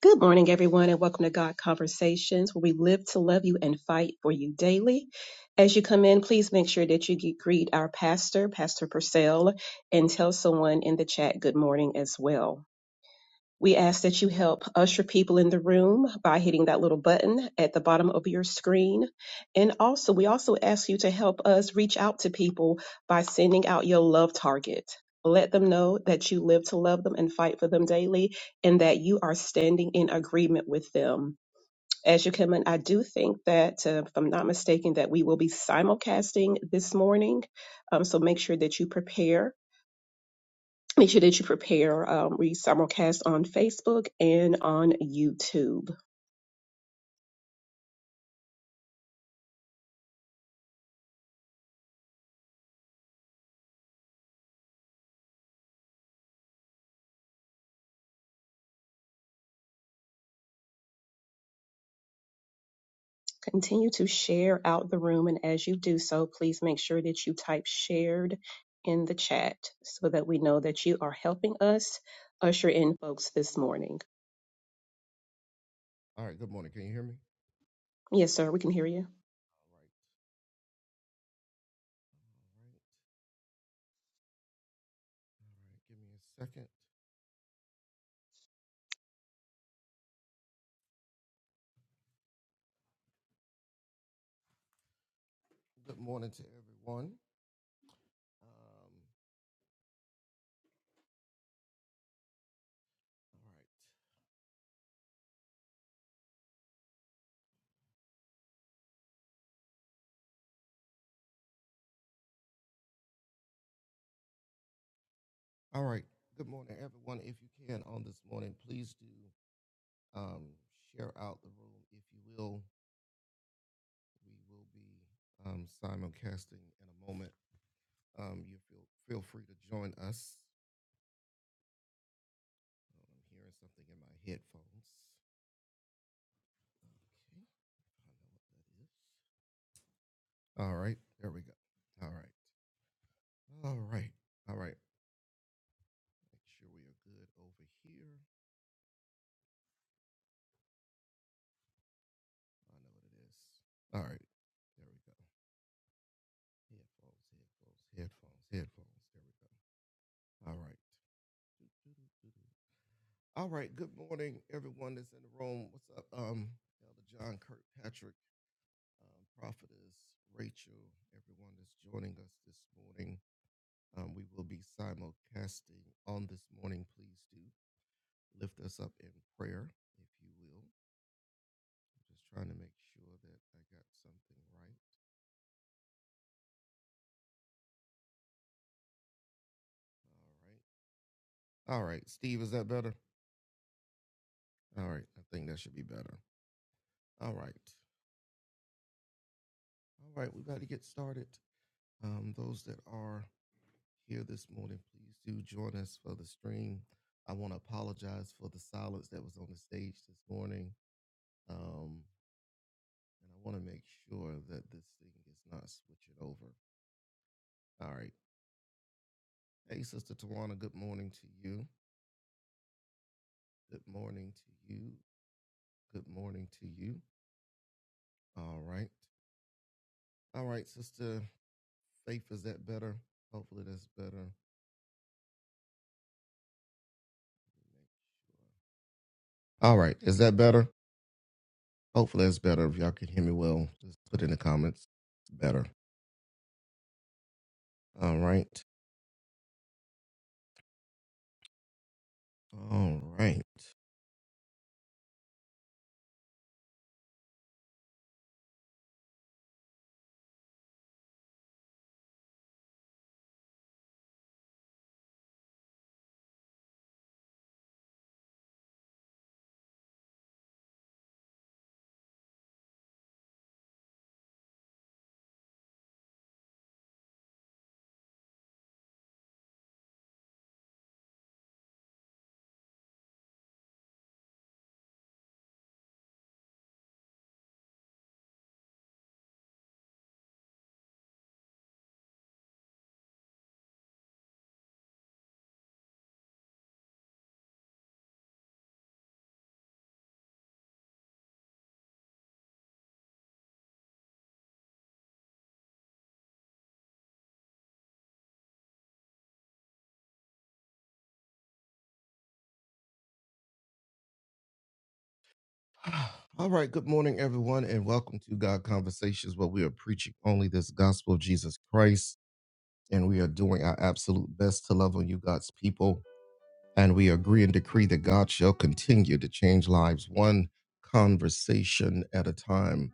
Good morning, everyone, and welcome to God Conversations, where we live to love you and fight for you daily. As you come in, please make sure that you g- greet our pastor, Pastor Purcell, and tell someone in the chat good morning as well. We ask that you help usher people in the room by hitting that little button at the bottom of your screen. And also, we also ask you to help us reach out to people by sending out your love target. Let them know that you live to love them and fight for them daily and that you are standing in agreement with them. As you come in, I do think that, uh, if I'm not mistaken, that we will be simulcasting this morning. Um, so make sure that you prepare Make sure that you prepare um, read simulcast on Facebook and on YouTube. Continue to share out the room, and as you do so, please make sure that you type shared in the chat so that we know that you are helping us usher in folks this morning. All right. Good morning. Can you hear me? Yes, sir, we can hear you. All right. All right. All right. Give me a second. Good morning to everyone. Um, all right. All right. Good morning, everyone. If you can on this morning, please do um, share out the room. If you will, we will be um, simulcasting in a moment. Um, you feel feel free to join us. Um, I'm hearing something in my headphones. Okay. I don't know what that is. All right. There we go. All right. All right. All right. Make sure we are good over here. I know what it is. All right. There we go. Headphones, headphones, headphones, headphones. There we go. alright right. All right. Good morning, everyone that's in the room. What's up? Um, Elder John Kirkpatrick, um, Prophetess Rachel, everyone that's joining us this morning. Um, we will be simulcasting on this morning. Please do lift us up in prayer, if you will. Just trying to make sure that I got something right. All right. All right, Steve, is that better? All right, I think that should be better. All right. All right, we got to get started. Um, those that are here this morning, please do join us for the stream. I want to apologize for the silence that was on the stage this morning. Um, and I want to make sure that this thing is not switching over. All right. Hey, Sister Tawana, good morning to you. Good morning to you. Good morning to you. All right. All right, Sister Faith, is that better? Hopefully that's better. All right. Is that better? Hopefully that's better. If y'all can hear me well, just put in the comments. It's better. All right. All right. All right. Good morning, everyone, and welcome to God Conversations, where we are preaching only this gospel of Jesus Christ, and we are doing our absolute best to love on you, God's people. And we agree and decree that God shall continue to change lives one conversation at a time.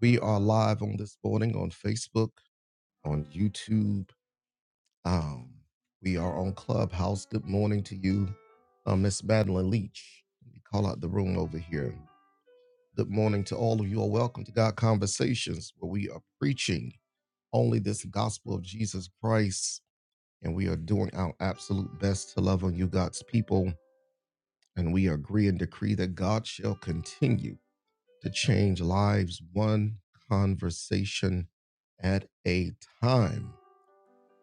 We are live on this morning on Facebook, on YouTube. Um, we are on Clubhouse. Good morning to you, uh, Miss Madeline Leach. Let me call out the room over here. Good morning to all of you. welcome to God Conversations, where we are preaching only this gospel of Jesus Christ, and we are doing our absolute best to love on you, God's people and we agree and decree that God shall continue to change lives one conversation at a time.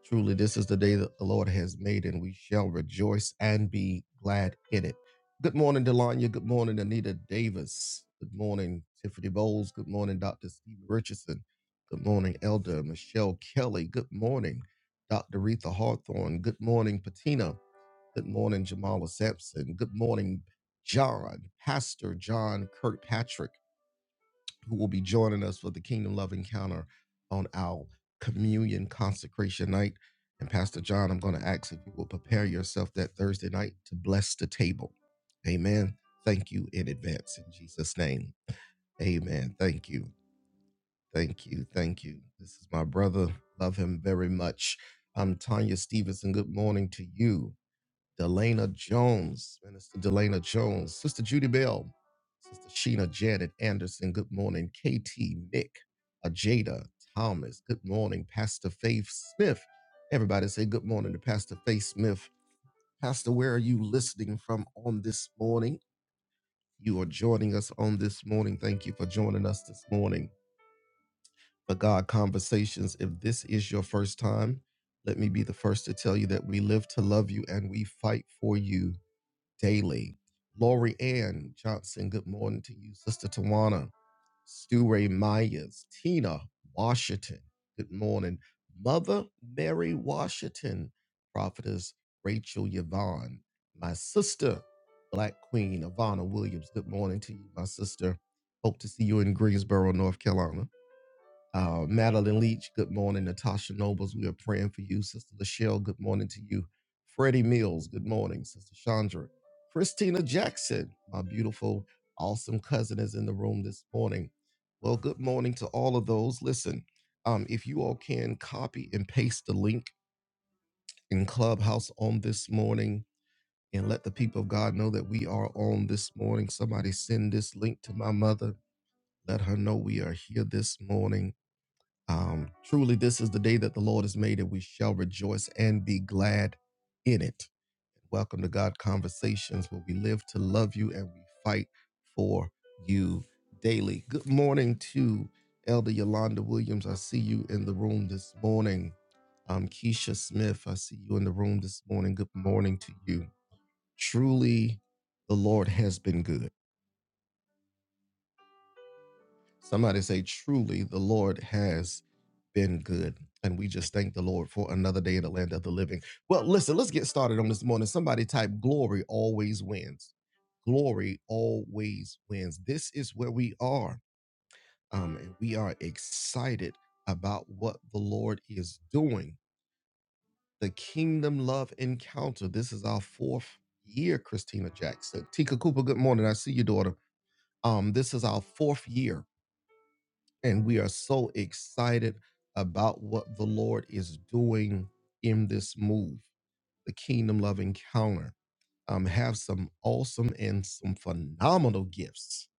Truly, this is the day that the Lord has made, and we shall rejoice and be glad in it. Good morning, Delanya. Good morning, Anita Davis. Good morning, Tiffany Bowles. Good morning, Dr. Steve Richardson. Good morning, Elder Michelle Kelly. Good morning, Dr. Retha Hawthorne. Good morning, Patina. Good morning, Jamala Sampson. Good morning, John, Pastor John Kirkpatrick, who will be joining us for the Kingdom Love Encounter on our communion consecration night. And Pastor John, I'm going to ask if you will prepare yourself that Thursday night to bless the table. Amen. Thank you in advance in Jesus' name. Amen. Thank you. Thank you. Thank you. This is my brother. Love him very much. I'm Tanya Stevenson. Good morning to you. Delana Jones, Minister Delana Jones, Sister Judy Bell, Sister Sheena Janet Anderson, good morning. KT Nick, Ajada Thomas, good morning. Pastor Faith Smith, everybody say good morning to Pastor Faith Smith. Pastor, where are you listening from on this morning? You are joining us on this morning. Thank you for joining us this morning for God Conversations. If this is your first time, let me be the first to tell you that we live to love you and we fight for you. Daily, Lori Ann Johnson, good morning to you. Sister Tawana, Stu Ray Myers, Tina Washington, good morning. Mother Mary Washington, Prophetess Rachel Yvonne, my sister, Black Queen Ivana Williams, good morning to you, my sister. Hope to see you in Greensboro, North Carolina. Uh, Madeline Leach, good morning. Natasha Nobles, we are praying for you. Sister Lachelle, good morning to you. Freddie Mills, good morning. Sister Chandra. Christina Jackson, my beautiful, awesome cousin, is in the room this morning. Well, good morning to all of those. Listen, um, if you all can copy and paste the link in Clubhouse on this morning and let the people of God know that we are on this morning. Somebody send this link to my mother. Let her know we are here this morning um, truly, this is the day that the Lord has made, and we shall rejoice and be glad in it. Welcome to God Conversations, where we live to love you and we fight for you daily. Good morning to Elder Yolanda Williams. I see you in the room this morning. Um, Keisha Smith, I see you in the room this morning. Good morning to you. Truly, the Lord has been good. Somebody say, truly, the Lord has been good. And we just thank the Lord for another day in the land of the living. Well, listen, let's get started on this morning. Somebody type, glory always wins. Glory always wins. This is where we are. Um, and we are excited about what the Lord is doing. The Kingdom Love Encounter. This is our fourth year, Christina Jackson. Tika Cooper, good morning. I see you, daughter. Um, this is our fourth year And we are so excited about what the Lord is doing in this move, the Kingdom Love Encounter. Um, have some awesome and some phenomenal gifts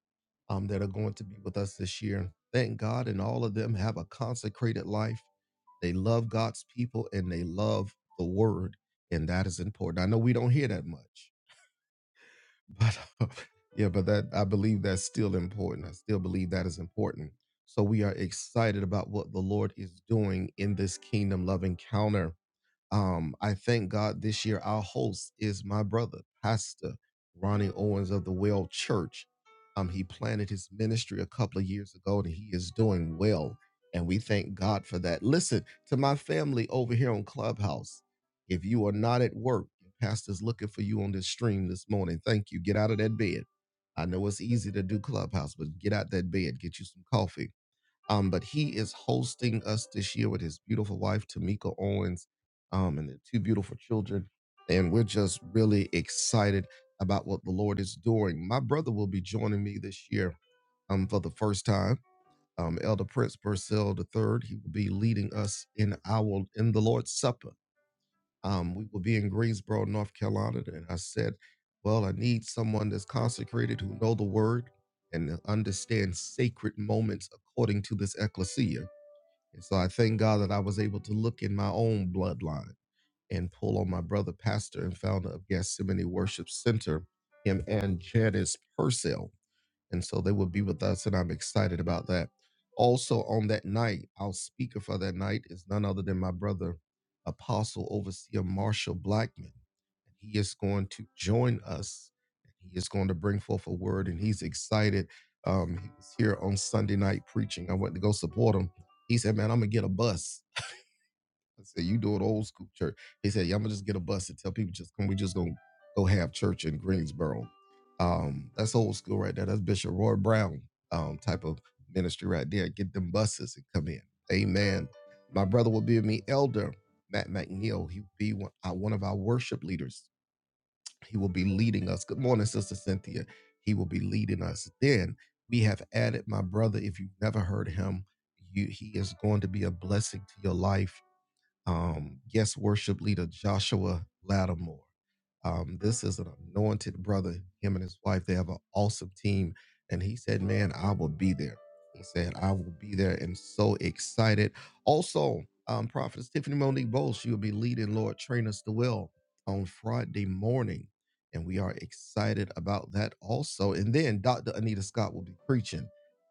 um, that are going to be with us this year. Thank God, and all of them have a consecrated life. They love God's people and they love the Word, and that is important. I know we don't hear that much, but yeah, but that I believe that's still important. I still believe that is important. So we are excited about what the Lord is doing in this kingdom love encounter. Um, I thank God this year our host is my brother, Pastor Ronnie Owens of the Well Church. Um, he planted his ministry a couple of years ago and he is doing well. And we thank God for that. Listen to my family over here on Clubhouse. If you are not at work, your pastor's looking for you on this stream this morning. Thank you. Get out of that bed. I know it's easy to do Clubhouse, but get out that bed, get you some coffee um, but he is hosting us this year with his beautiful wife, Tamika Owens, um, and their two beautiful children. And we're just really excited about what the Lord is doing. My brother will be joining me this year um, for the first time. Um, Elder Prince Purcell III, he will be leading us in our in the Lord's Supper. Um, we will be in Greensboro, North Carolina. And I said, well, I need someone that's consecrated who know the word and understand sacred moments according to this ecclesia. And so I thank God that I was able to look in my own bloodline and pull on my brother, pastor, and founder of Gethsemane Worship Center, him and Janice Purcell. And so they will be with us, and I'm excited about that. Also, on that night, our speaker for that night is none other than my brother, Apostle Overseer Marshall Blackman. He is going to join us. He is going to bring forth a word, and he's excited. Um, he was here on Sunday night preaching. I went to go support him. He said, "Man, I'm gonna get a bus." I said, "You do it old school church." He said, "Yeah, I'm gonna just get a bus and tell people just come. We just gonna go have church in Greensboro." Um, that's old school right there. That's Bishop Roy Brown um, type of ministry right there. Get them buses and come in. Amen. My brother will be with me elder Matt McNeil. He'll be one, uh, one of our worship leaders he will be leading us. Good morning, Sister Cynthia. He will be leading us. Then we have added my brother. If you've never heard him, you, he is going to be a blessing to your life. Um, yes, worship leader Joshua Lattimore. Um, this is an anointed brother. Him and his wife, they have an awesome team. And he said, Man, I will be there. He said, I will be there and so excited. Also, um, Prophetess Tiffany Monique Bowles, she will be leading Lord Train Us to Well on Friday morning. And we are excited about that also. And then Dr. Anita Scott will be preaching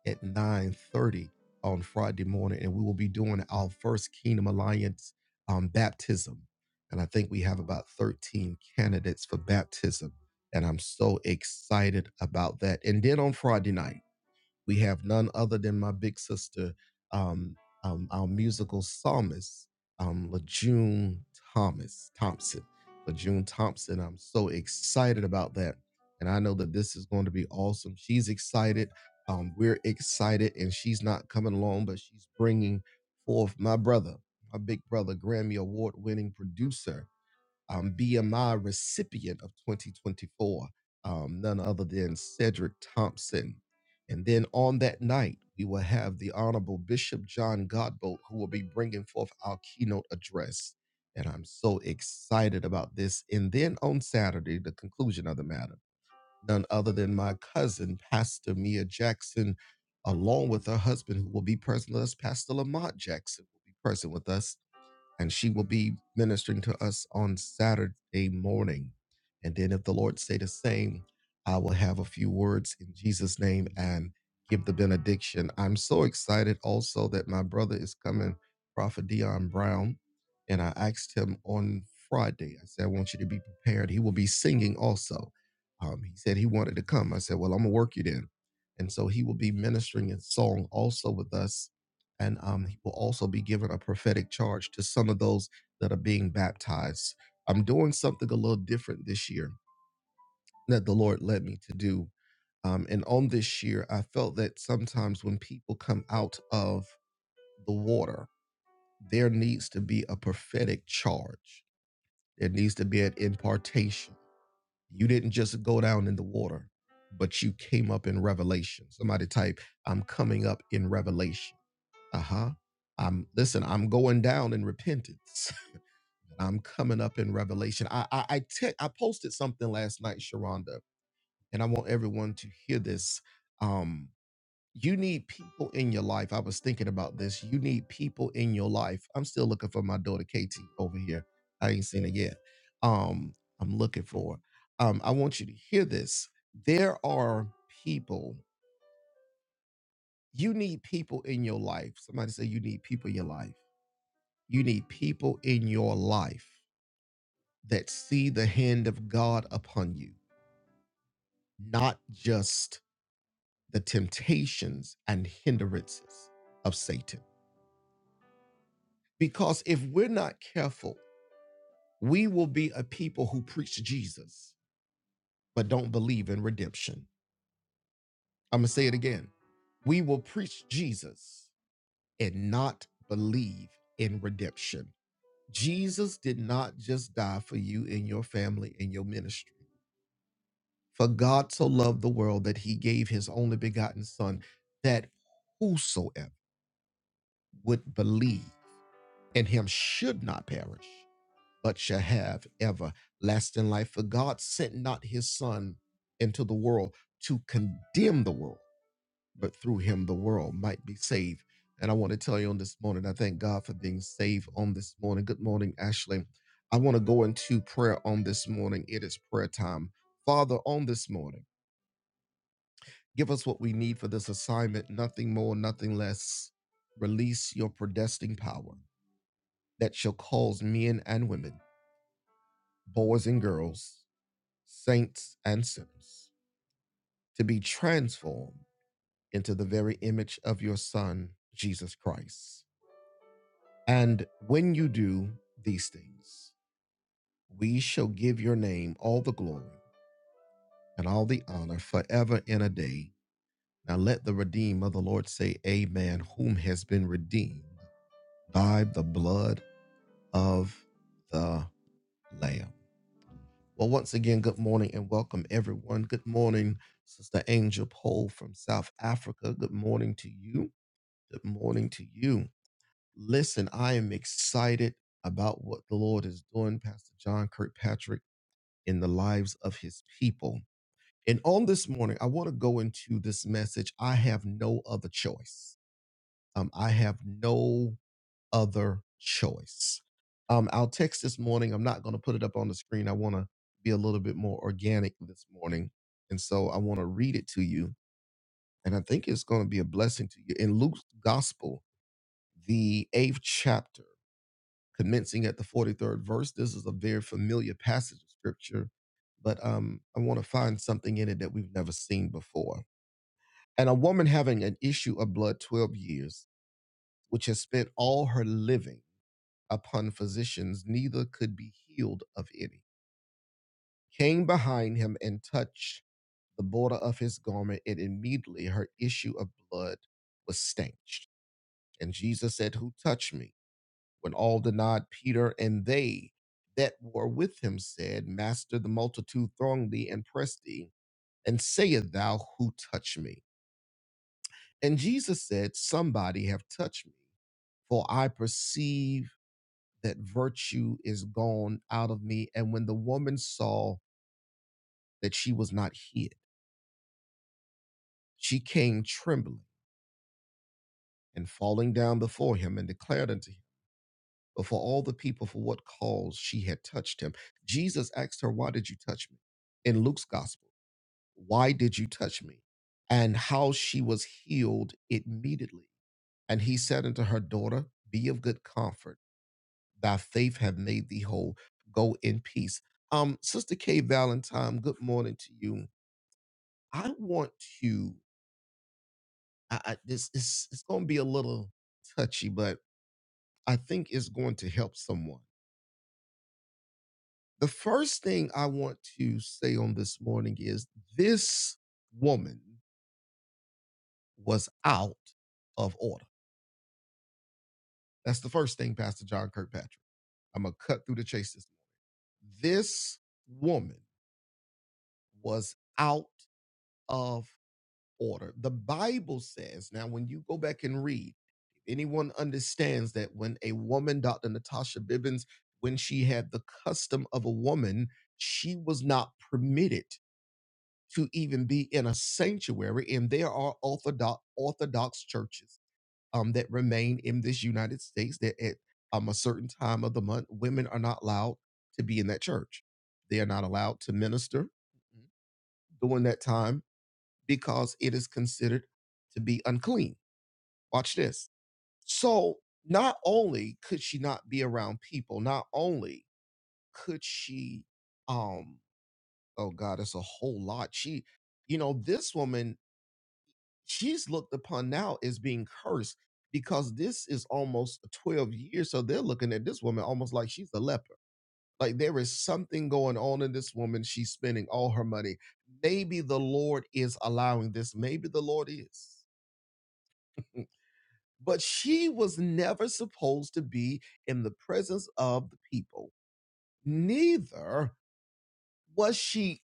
at 9:30 on Friday morning. And we will be doing our first Kingdom Alliance um, baptism and I think we have about 13 candidates for baptism. And I'm so excited about that. And then on Friday night, we have none other than my big sister, um, um, our musical psalmist, um, LaJune Thomas Thompson. LaJune Thompson, I'm so excited about that. And I know that this is going to be awesome. She's excited. Um, we're excited, and she's not coming along, but she's bringing forth my brother, my big brother, Grammy Award winning producer, um, BMI recipient of 2024, um, none other than Cedric Thompson. And then on that night, we will have the Honorable Bishop John Godbolt, who will be bringing forth our keynote address. And I'm so excited about this. And then on Saturday, the conclusion of the matter, none other than my cousin, Pastor Mia Jackson, along with her husband, who will be present with us, Pastor Lamont Jackson, will be present with us and she will be ministering to us on Saturday morning. And then, if the Lord say the same, I will have a few words in Jesus' name and give the benediction. I'm so excited also that my brother is coming, Prophet Dion Brown, and I asked him on Friday. I said, I want you to be prepared. He will be singing also. Um, he said he wanted to come. I said, Well, I'm gonna work you then. And so he will be ministering in song also with us and um, he will also be given a prophetic charge to some of those that are being baptized. I'm doing something a little different this year that the Lord led me to do. Um, and on this year, I felt that sometimes when people come out of the water, there needs to be a prophetic charge. There needs to be an impartation. You didn't just go down in the water, but you came up in revelation. Somebody type, I'm coming up in revelation Uh-huh. I'm listen, I'm going down in repentance. I'm coming up in revelation. I I I, te- I posted something last night, Sharonda, and I want everyone to hear this. Um you need people in your life. I was thinking about this. You need people in your life. I'm still looking for my daughter Katie over here. I ain't seen her yet. Um I'm looking for. her. Um I want you to hear this. There are people. You need people in your life. Somebody say you need people in your life You need people in your life that see the hand of God upon you, not just the temptations and hindrances of Satan. Because if we're not careful, we will be a people who preach Jesus but don't believe in redemption. I'm going to say it again. We will preach Jesus and not believe in redemption. Jesus did not just die for you and your family and your ministry. For God so loved the world that he gave his only begotten Son, that whosoever would believe in him should not perish, but shall have everlasting life. For God sent not his Son into the world to condemn the world, but through him the world might be saved. And I want to tell you on this morning, I thank God for being saved on this morning. Good morning, Ashley. I want to go into prayer on this morning. It is prayer time. Father, on this morning, Give us what we need for this assignment, nothing more, nothing less. Release your predestined power that shall cause men and women, boys and girls, saints and sinners, to be transformed into the very image of your Son, Jesus Christ. And when you do these things, we shall give your name all the glory and all the honor forever and a day. Now let the redeemed of the Lord say, Amen, whom has been redeemed by the blood of the Lamb. Well, once again, good morning and welcome, everyone. Good morning, Sister Angel Pole from South Africa. Good morning to you. Good morning to you. Listen, I am excited about what the Lord is doing, Pastor John Kirkpatrick, in the lives of his people. And on this morning, I want to go into this message. I have no other choice. Um, I have no other choice. Um, our text this morning, I'm not going to put it up on the screen. I want to be a little bit more organic this morning. And so I want to read it to you. And I think it's going to be a blessing to you. In Luke's gospel, the eighth chapter, commencing at the 43rd verse, this is a very familiar passage of scripture, but um, I want to find something in it that we've never seen before. And a woman having an issue of blood 12 years, which has spent all her living upon physicians, neither could be healed of any. Came behind him and touched the border of his garment, and immediately her issue of blood was stanched. And Jesus said, Who touched me? When all denied Peter and they that were with him said, Master, the multitude throng thee and press thee, and sayest thou, Who touched me? And Jesus said, Somebody have touched me, for I perceive that virtue is gone out of me. And when the woman saw that she was not hid, she came trembling and falling down before him and declared unto him before all the people for what cause she had touched him. Jesus asked her, Why did you touch me? In Luke's gospel, why did you touch me? And how she was healed immediately. And he said unto her, Daughter, be of good comfort thy faith have made thee whole. Go in peace. Um, Sister Kay Valentine, good morning to you. I want to. I, I this is it's going to be a little touchy, but I think it's going to help someone. The first thing I want to say on this morning is this woman was out of order. That's the first thing, Pastor John Kirkpatrick. I'm gonna cut through the chase. This, this woman was out of order. The Bible says, now when you go back and read, if anyone understands that when a woman, Dr. Natasha Bibbins, when she had the custom of a woman, she was not permitted to even be in a sanctuary. And there are orthodox Orthodox churches um, that remain in this United States that at um, a certain time of the month, women are not allowed to be in that church. They are not allowed to minister during that time because it is considered to be unclean. Watch this. So, not only could she not be around people, not only could she, um, oh God, it's a whole lot. She, you know, this woman, she's looked upon now as being cursed because this is almost 12 years. So they're looking at this woman almost like she's a leper. Like there is something going on in this woman. She's spending all her money. Maybe the Lord is allowing this. Maybe the Lord is. but she was never supposed to be in the presence of the people. Neither was she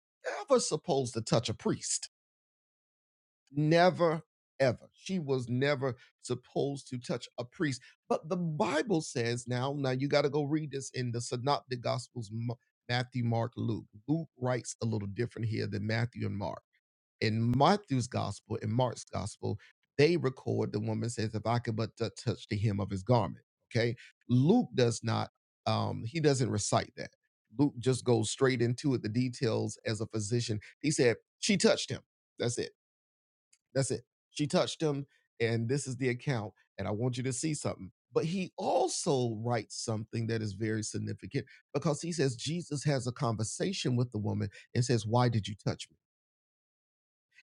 ever supposed to touch a priest. Never, ever. She was never supposed to touch a priest. But the Bible says now, now you got to go read this in the Synoptic Gospels M- Matthew, Mark, Luke. Luke writes a little different here than Matthew and Mark in Matthew's gospel, in Mark's gospel, they record the woman says, "If I could but t- touch the hem of his garment." Okay, Luke does not. Um, he doesn't recite that. Luke just goes straight into it. The details as a physician, he said she touched him. That's it. That's it. She touched him, and this is the account. And I want you to see something. But he also writes something that is very significant because he says Jesus has a conversation with the woman and says, "Why did you touch me?"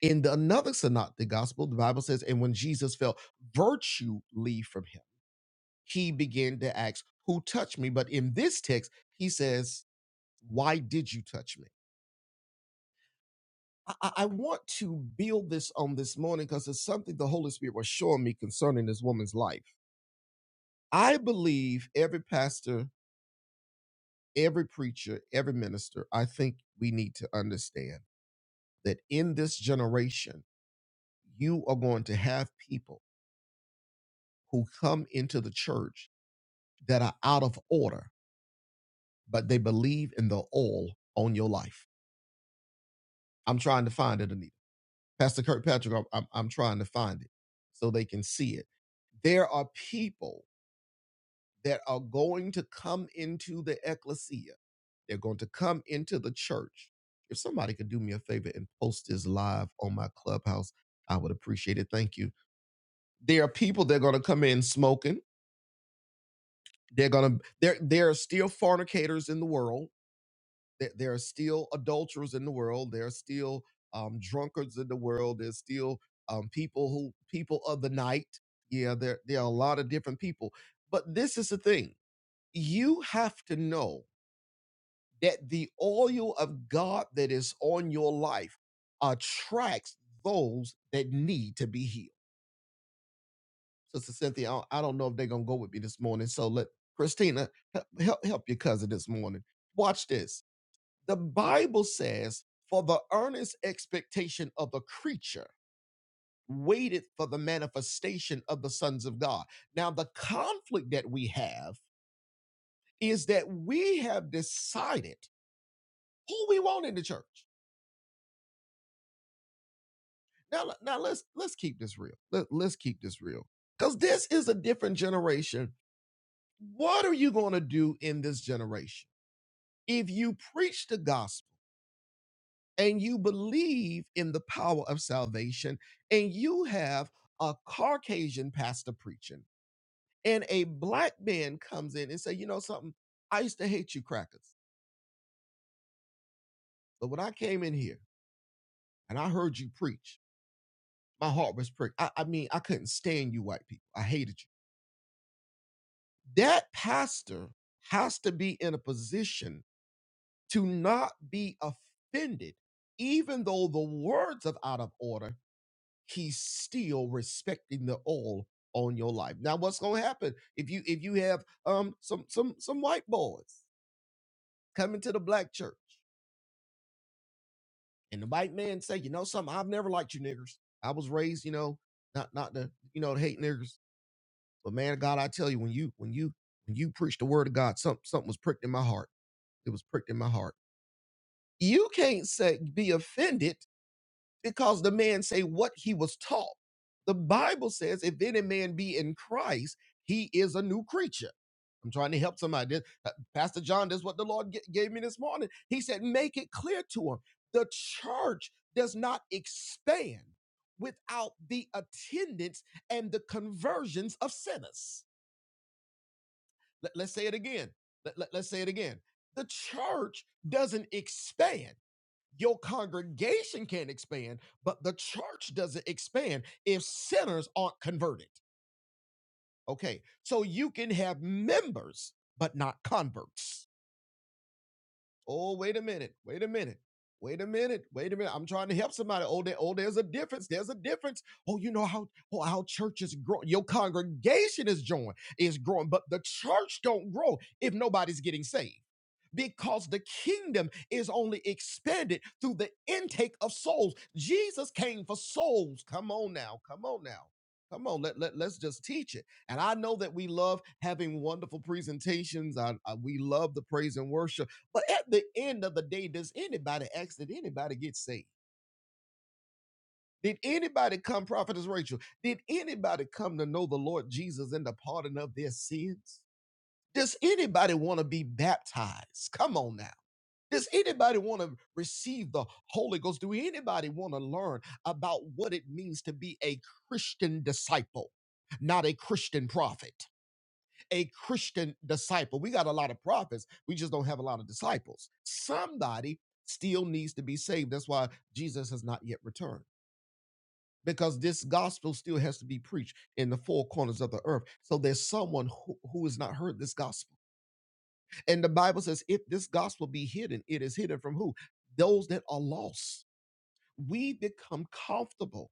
In the another synoptic gospel, the Bible says, and when Jesus felt virtue leave from him, he began to ask, Who touched me? But in this text, he says, Why did you touch me? I, I I want to build this on this morning because it's something the Holy Spirit was showing me concerning this woman's life. I believe every pastor, every preacher, every minister, I think we need to understand that in this generation, you are going to have people who come into the church that are out of order, but they believe in the oil on your life. I'm trying to find it, Anita. Pastor Kirkpatrick, I'm, I'm, I'm trying to find it so they can see it. There are people that are going to come into the ecclesia, they're going to come into the church. If somebody could do me a favor and post this live on my clubhouse, I would appreciate it. Thank you. There are people that are going to come in smoking. They're going to, there, there are still fornicators in the world There, there are still adulterers in the world. There are still um, drunkards in the world. There's still um, people who people of the night. Yeah, there there are a lot of different people. But this is the thing: you have to know that the oil of God that is on your life attracts those that need to be healed. Sister Cynthia, I don't I don't know if they're gonna go with me this morning. So let Christina he- help help your cousin this morning. Watch this The Bible says, For the earnest expectation of the creature waited for the manifestation of the sons of God. Now, the conflict that we have is that we have decided who we want in the church. Now, now let's let's keep this real. Let, let's keep this real. Because this is a different generation. What are you going to do in this generation? If you preach the gospel, and you believe in the power of salvation, and you have a Caucasian pastor preaching, and a black man comes in and say, you know something, I used to hate you crackers, but when I came in here and I heard you preach, my heart was pricked. I, I mean, I couldn't stand you white people. I hated you. That pastor has to be in a position to not be offended, even though the words are out of order he's still respecting the oil on your life. Now, what's gonna happen if you if you have um some some some white boys coming to the black church and the white man say, you know something, I've never liked you niggers. I was raised, you know, not not to you know to hate niggers, but man of God, I tell you, when you when you when you preach the word of God, something something was pricked in my heart. It was pricked in my heart. You can't say be offended because the man say what he was taught. The Bible says, if any man be in Christ, he is a new creature. I'm trying to help somebody. This- uh, Pastor John, that's what the Lord g- gave me this morning. He said, make it clear to him. The church does not expand without the attendance and the conversions of sinners. Let, us say it again. Let, let- let's say it again. The church doesn't expand. Your congregation can expand, but the church doesn't expand if sinners aren't converted. Okay, so you can have members, but not converts. Oh, wait a minute. Wait a minute. Wait a minute. Wait a minute. I'm trying to help somebody. Oh, there, oh, there's a difference. There's a difference. Oh, you know how oh, how church is growing. Your congregation is growing, is growing, but the church don't grow if nobody's getting saved. Because the kingdom is only expanded through the intake of souls. Jesus came for souls. Come on now. Come on now. Come on, let, let, let's just teach it. And I know that we love having wonderful presentations. I, I- we love the praise and worship but at the end of the day, does anybody ask, did anybody get saved? Did anybody come, Prophetess Rachel? Did anybody come to know the Lord Jesus and the pardon of their sins? Does anybody want to be baptized? Come on now. Does anybody want to receive the Holy Ghost? Do anybody want to learn about what it means to be a Christian disciple, not a Christian prophet? a Christian disciple. We got a lot of prophets, we just don't have a lot of disciples. Somebody still needs to be saved. That's why Jesus has not yet returned. Because this gospel still has to be preached in the four corners of the earth. So there's someone who, who has not heard this gospel. And the Bible says, if this gospel be hidden, it is hidden from who? Those that are lost. We become comfortable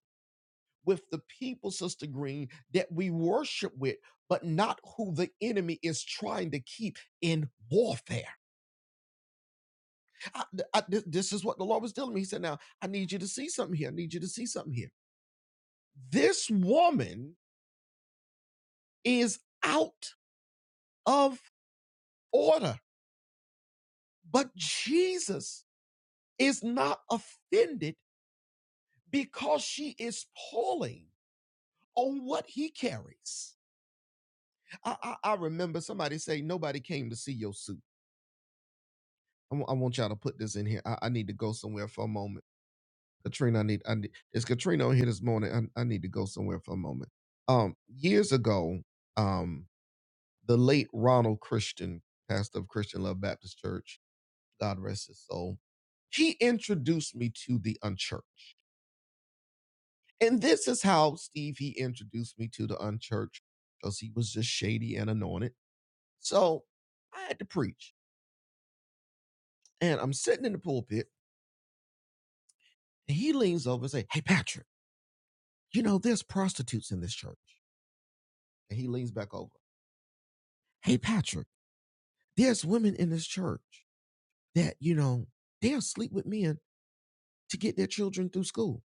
with the people, Sister Green, that we worship with, but not who the enemy is trying to keep in warfare. I- I- this is what the Lord was telling me. He said, Now, I need you to see something here. I need you to see something here. This woman is out of order, but Jesus is not offended because she is pulling on what he carries. I, I, I remember somebody say, Nobody came to see your suit. I wa- I want y'all to put this in here. I, I need to go somewhere for a moment. Katrina, I need, I need is Katrina on here this morning? I, I need to go somewhere for a moment. Um, years ago, um, the late Ronald Christian, pastor of Christian Love Baptist Church, God rest his soul, he introduced me to the unchurched. And this is how Steve he introduced me to the unchurched because he was just shady and anointed. So I had to preach. And I'm sitting in the pulpit, and he leans over and say, Hey Patrick. you know, there's prostitutes in this church. And he leans back over. Hey, Patrick, there's women in this church that, you know, they'll sleep with men to get their children through school.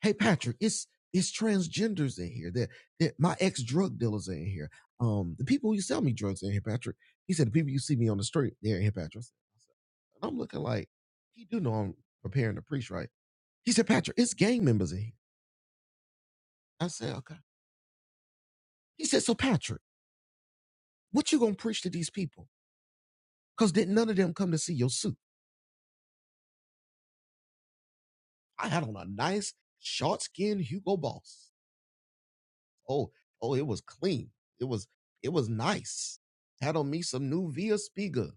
Hey, Patrick, it's, it's transgenders in here. That, that my ex drug dealers are in here. Um, the people who sell me drugs are in here, Patrick. He said, the people you see me on the street, they're in here, Patrick. And I'm looking like, he do know I'm preparing to preach, right? He said, Patrick, it's gang members in here. I said, okay. He said, so Patrick, what you gonna preach to these people? Because didn't none of them come to see your suit? I had on a nice short skinned Hugo Boss. Oh, oh, it was clean. It was it was nice. Had on me some new Via Spiga,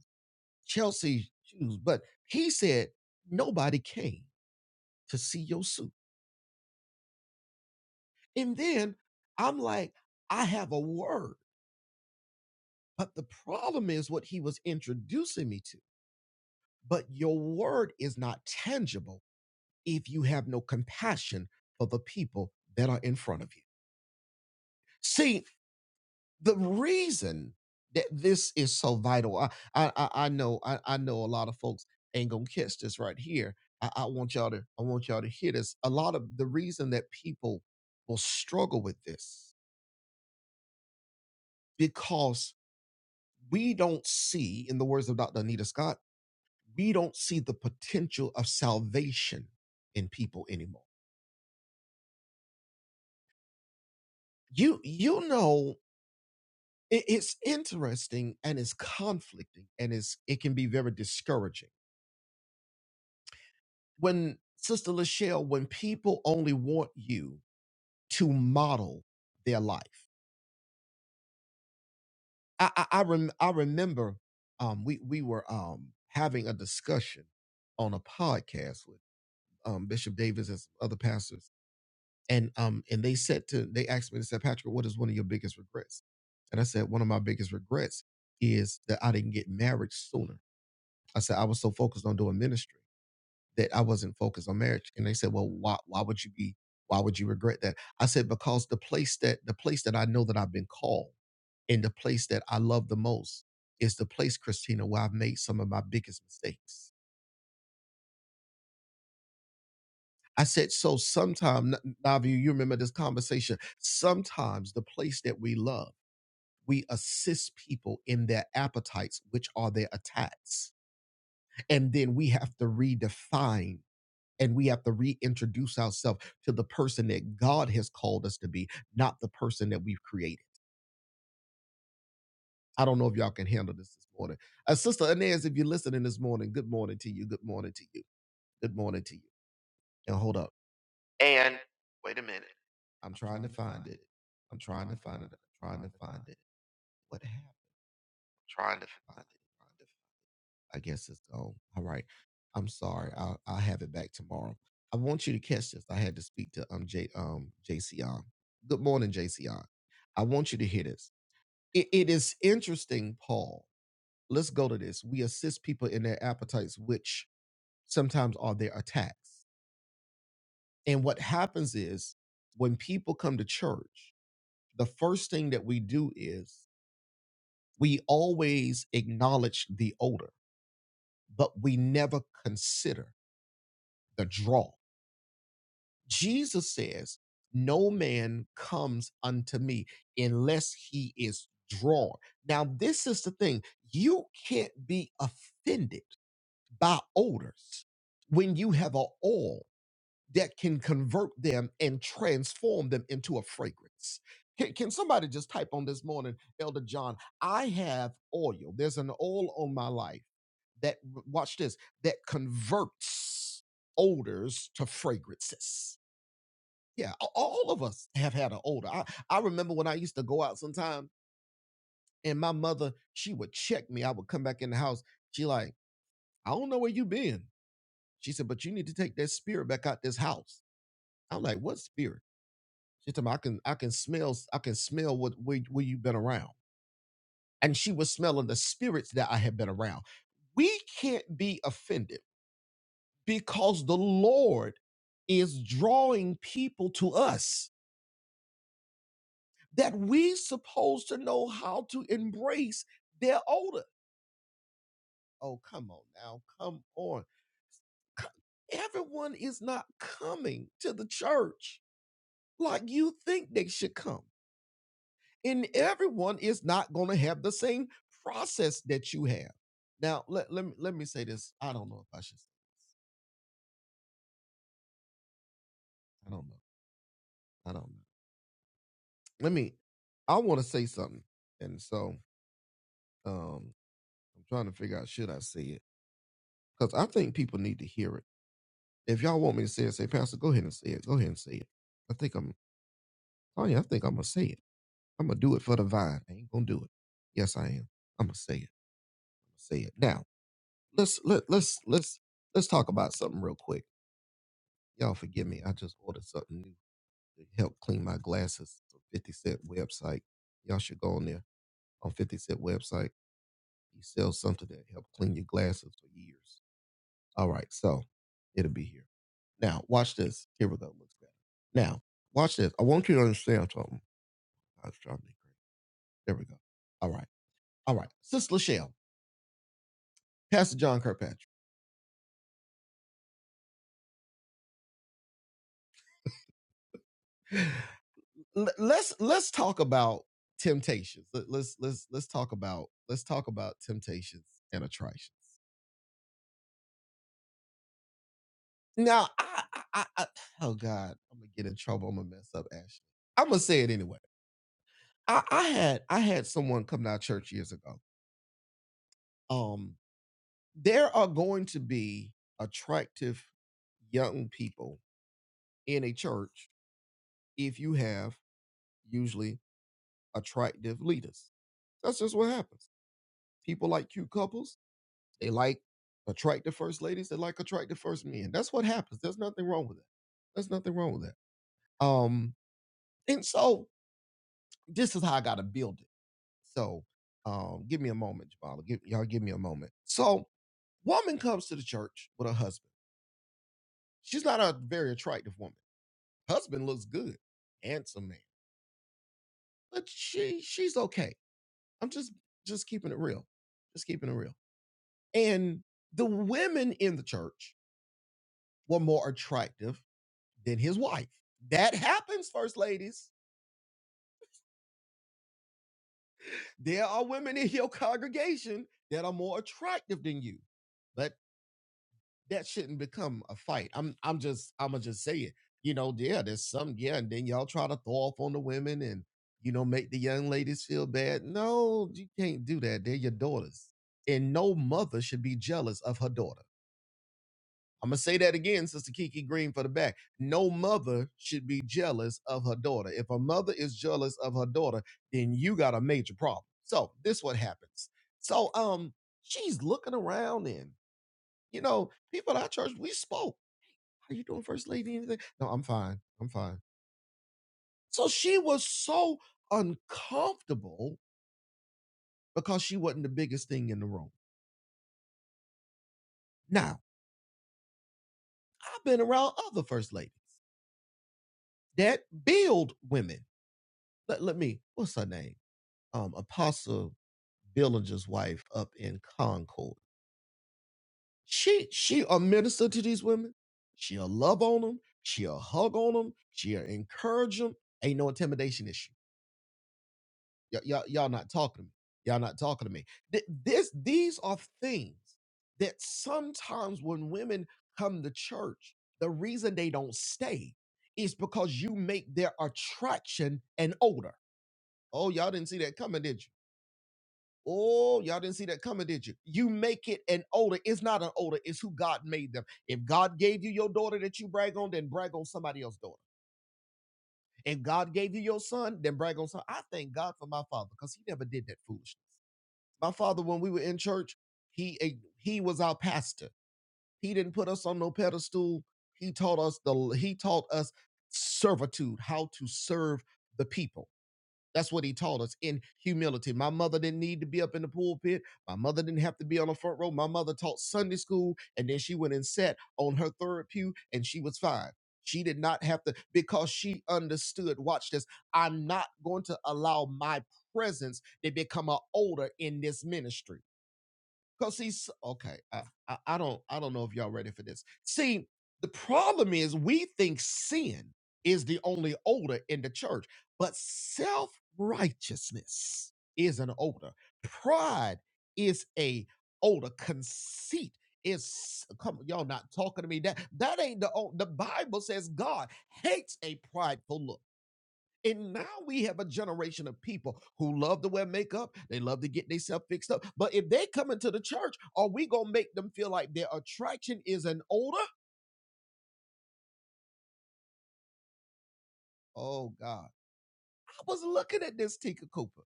Chelsea shoes. But he said nobody came to see your suit. And then I'm like, I have a word. But the problem is what he was introducing me to. But your word is not tangible if you have no compassion for the people that are in front of you. See, the reason that this is so vital, I I, I I know I, I know a lot of folks ain't gonna catch this right here. I, I want y'all to I want y'all to hear this. A lot of the reason that people will struggle with this because we don't see, in the words of Dr. Anita Scott, we don't see the potential of salvation in people anymore. You you know it- it's interesting and it's conflicting and it's it can be very discouraging when Sister Lachelle, when people only want you to model their life. I I, I, rem, I remember um, we we were um, having a discussion on a podcast with um, Bishop Davis and some other pastors, and um and they said to they asked me they said Patrick, what is one of your biggest regrets? And I said one of my biggest regrets is that I didn't get married sooner. I said I was so focused on doing ministry. that I wasn't focused on marriage. And they said, well, why, why would you be, why would you regret that? I said, because the place that, the place that I know that I've been called and the place that I love the most is the place, Christina, where I've made some of my biggest mistakes. I said, so sometimes, Navi, you remember this conversation. Sometimes the place that we love, we assist people in their appetites, which are their attacks. And then we have to redefine and we have to reintroduce ourselves to the person that God has called us to be, not the person that we've created. I don't know if y'all can handle this this morning. Uh, Sister Inez, if you're listening this morning, good morning to you. Good morning to you. Good morning to you. And hold up. And wait a minute. I'm trying to find it. I'm trying to find it. I'm trying to find it. What happened? Trying to find it. I guess it's gone. All right. I'm sorry. I'll I'll have it back tomorrow. I want you to catch this. I had to speak to um J um JCR. Good morning, JCR. I want you to hear this. It, it is interesting, Paul. Let's go to this. We assist people in their appetites, which sometimes are their attacks. And what happens is when people come to church, the first thing that we do is we always acknowledge the odor, but we never consider the draw. Jesus says, No man comes unto me unless he is drawn. Now, this is the thing you can't be offended by odors when you have an oil that can convert them and transform them into a fragrance. Can, can somebody just type on this morning, Elder John? I have oil. There's an oil on my life that, watch this, that converts odors to fragrances yeah, a- all of us have had an older. I, I remember when I used to go out sometime and my mother, she would check me. I would come back in the house. She like, I don't know where you been. She said, but you need to take that spirit back out this house. I'm like, what spirit? She told me I can I can smell s- I can smell what where, where you've been around. And she was smelling the spirits that I had been around. We can't be offended because the Lord is drawing people to us that we supposed to know how to embrace their odor. Oh, come on now, come on. Everyone is not coming to the church like you think they should come. And everyone is not going to have the same process that you have. Now, let, let, me, let me say this. I don't know if I should. Say, I don't know. I don't know. Let me, I want to say something. And so um, I'm trying to figure out, should I say it? Because I think people need to hear it. If y'all want me to say it, say, Pastor, go ahead and say it. Go ahead and say it. I think I'm, Tanya, I think I'm going to say it. I'm going to do it for the vibe. I ain't going to do it. Yes, I am. I'm going to say it. I'm going to say it. Now, let's, let, let's, let's, let's talk about something real quick. Y'all forgive me. I just ordered something new to help clean my glasses. It's a 50 cent website. Y'all should go on there on 50 cent website. He sells something that help clean your glasses for years. All right, so it'll be here. Now, watch this. Here we go. Looks better. Now, watch this. I want you to understand something. I was trying to be great. There we go. All right. All right. Sister Lachelle, Pastor John Kirkpatrick. let's let's talk about temptations. Let- Let's let's let's talk about let's talk about temptations and attractions. Now, I, I, I oh God, I'm gonna get in trouble. I'm gonna mess up Ashley. I'm gonna say it anyway. I, I had I had someone come to our church years ago. Um, there are going to be attractive young people in a church if you have usually attractive leaders. That's just what happens. People like cute couples. They like attractive first ladies. They like attractive first men. That's what happens. There's nothing wrong with that. There's nothing wrong with that. Um, and so this is how I gotta build it. So um, give me a moment, Jabala. Give, y'all give me a moment. So woman comes to the church with her husband. She's not a very attractive woman Husband looks good, handsome man. But she she's okay. I'm just just keeping it real. Just keeping it real. And the women in the church were more attractive than his wife. That happens, first ladies. There are women in your congregation that are more attractive than you. But. that shouldn't become a fight. I'm I'm just I'ma just say it. You know, yeah, there's some, yeah, and then y'all try to throw off on the women and you know make the young ladies feel bad. No, you can't do that. They're your daughters. And no mother should be jealous of her daughter. I'm gonna say that again, Sister Kiki Green for the back. No mother should be jealous of her daughter. If a mother is jealous of her daughter, then you got a major problem. So this what happens. So um she's looking around and you know, people at our church, we spoke. How you doing, First Lady? Anything? No, I'm fine. I'm fine. So she was so uncomfortable because she wasn't the biggest thing in the room. Now, I've been around other first ladies that build women. Let, let me, what's her name? Um, Apostle Billinger's wife up in Concord. She she'll minister to these women. She'll love on them. She'll hug on them. She'll encourage them. Ain't no intimidation issue. Y- y'all, y'all not talking to me. Y'all not talking to me. Th- this, these are things that sometimes when women come to church, the reason they don't stay is because you make their attraction an odor. Oh, y'all didn't see that coming, did you? Oh, y'all didn't see that coming, did you? You make it an odor. It's not an odor. It's who God made them. If God gave you your daughter that you brag on, then brag on somebody else's daughter. If God gave you your son, then brag on son. I thank God for my father because he never did that foolishness. My father, when we were in church, he he was our pastor. He didn't put us on no pedestal. He taught us the he taught us servitude, how to serve the people. That's what he taught us in humility. My mother didn't need to be up in the pulpit. My mother didn't have to be on the front row. My mother taught Sunday school, and then she went and sat on her third pew, and she was fine. She did not have to because she understood. Watch this. I'm not going to allow my presence to become an odor in this ministry. Cause he's okay, I, I, I don't, I don't know if y'all ready for this. See, the problem is we think sin is the only odor in the church, but self righteousness is an odor. Pride is a odor. Conceit is come. on, Y'all not talking to me. That that ain't the o- the Bible says God hates a prideful look. And now we have a generation of people who love to wear makeup. They love to get themselves fixed up. But if they come into the church, are we going to make them feel like their attraction is an odor? Oh, God. I was looking at this, Tika Cooper.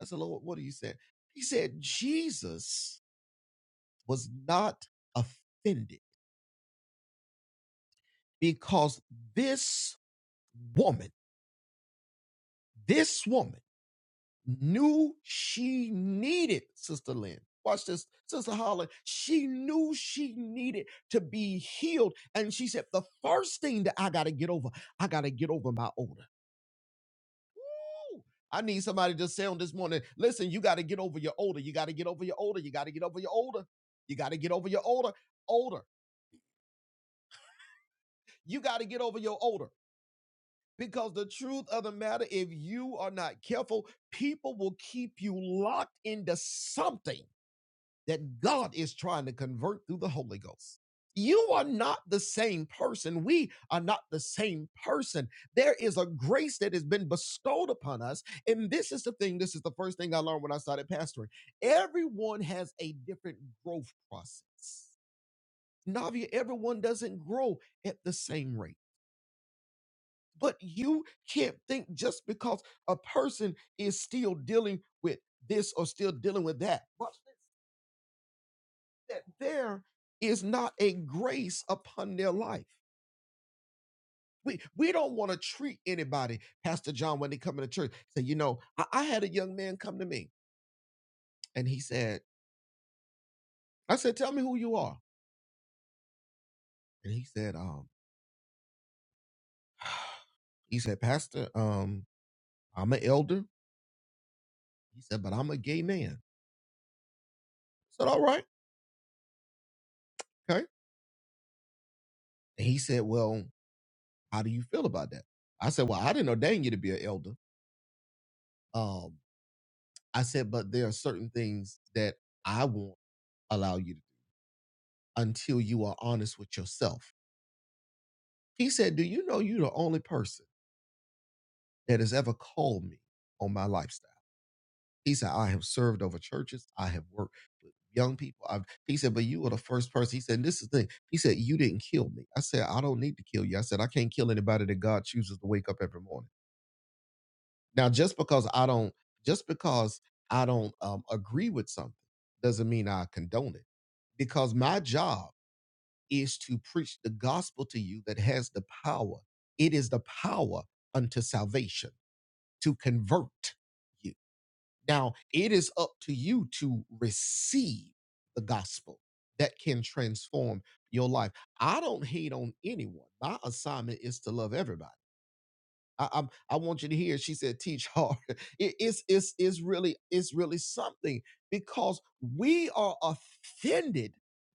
I said, Lord, what are you saying? He said, Jesus was not offended because this woman, this woman, knew she needed Sister Lynn. Watch this, Sister Holland. She knew she needed to be healed. And she said, The first thing that I got to get over, I got to get over my odor. Woo! I need somebody to say on this morning, listen, you got to get over your odor. You got to get over your odor. You got to get over your odor. You got to get over your odor. Odor. You got to get over your odor. Because the truth of the matter, if you are not careful, people will keep you locked into something that God is trying to convert through the Holy Ghost. You are not the same person. We are not the same person. There is a grace that has been bestowed upon us. And this is the thing, this is the first thing I learned when I started pastoring. Everyone has a different growth process. Navia, everyone doesn't grow at the same rate. But you can't think just because a person is still dealing with this or still dealing with that. but. that there is not a grace upon their life. We, we don't want to treat anybody, Pastor John, when they come into church. Say, you know, I, I had a young man come to me and he said, I said, tell me who you are. And he said, um, he said, Pastor, um, I'm an elder. He said, but I'm a gay man. I said, all right, okay. And he said, well, how do you feel about that? I said, well, I didn't ordain you to be an elder. Um, I said, but there are certain things that I won't allow you to do. until you are honest with yourself. He said, Do you know you're the only person that has ever called me on my lifestyle? He said, I have served over churches, I have worked with young people. I've, he said, But you were the first person. He said, This is the thing. He said, You didn't kill me. I said, I don't need to kill you. I said, I can't kill anybody that God chooses to wake up every morning. Now, just because I don't, just because I don't um, agree with something doesn't mean I condone it because my job is to preach the gospel to you that has the power. It is the power unto salvation to convert you. Now, it is up to you to receive the gospel that can transform your life. I don't hate on anyone. My assignment is to love everybody. I, I'm, I want you to hear. She said, "Teach hard." It- it's it's it's really it's really something because we are offended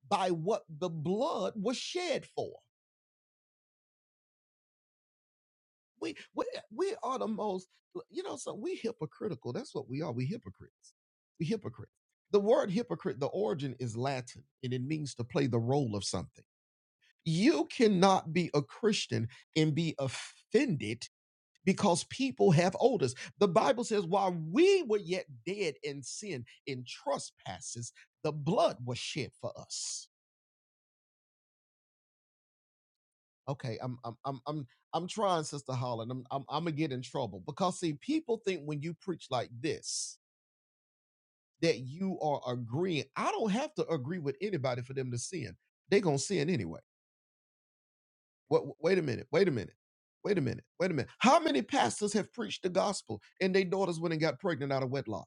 by what the blood was shed for. We we we are the most you know, so we hypocritical. That's what we are. We hypocrites. We hypocrites. The word hypocrite, the origin is Latin, and it means to play the role of something. You cannot be a Christian and be offended because people have odors. The Bible says, while we were yet dead in sin, in trespasses, the blood was shed for us. Okay, I'm I'm I'm I'm I'm trying, Sister Holland. I'm I'm I'm gonna get in trouble because see, people think when you preach like this that you are agreeing. I don't have to agree with anybody for them to sin. They gonna sin anyway. What? Wait a minute. Wait a minute. Wait a minute. Wait a minute. How many pastors have preached the gospel and their daughters went and got pregnant out of wedlock?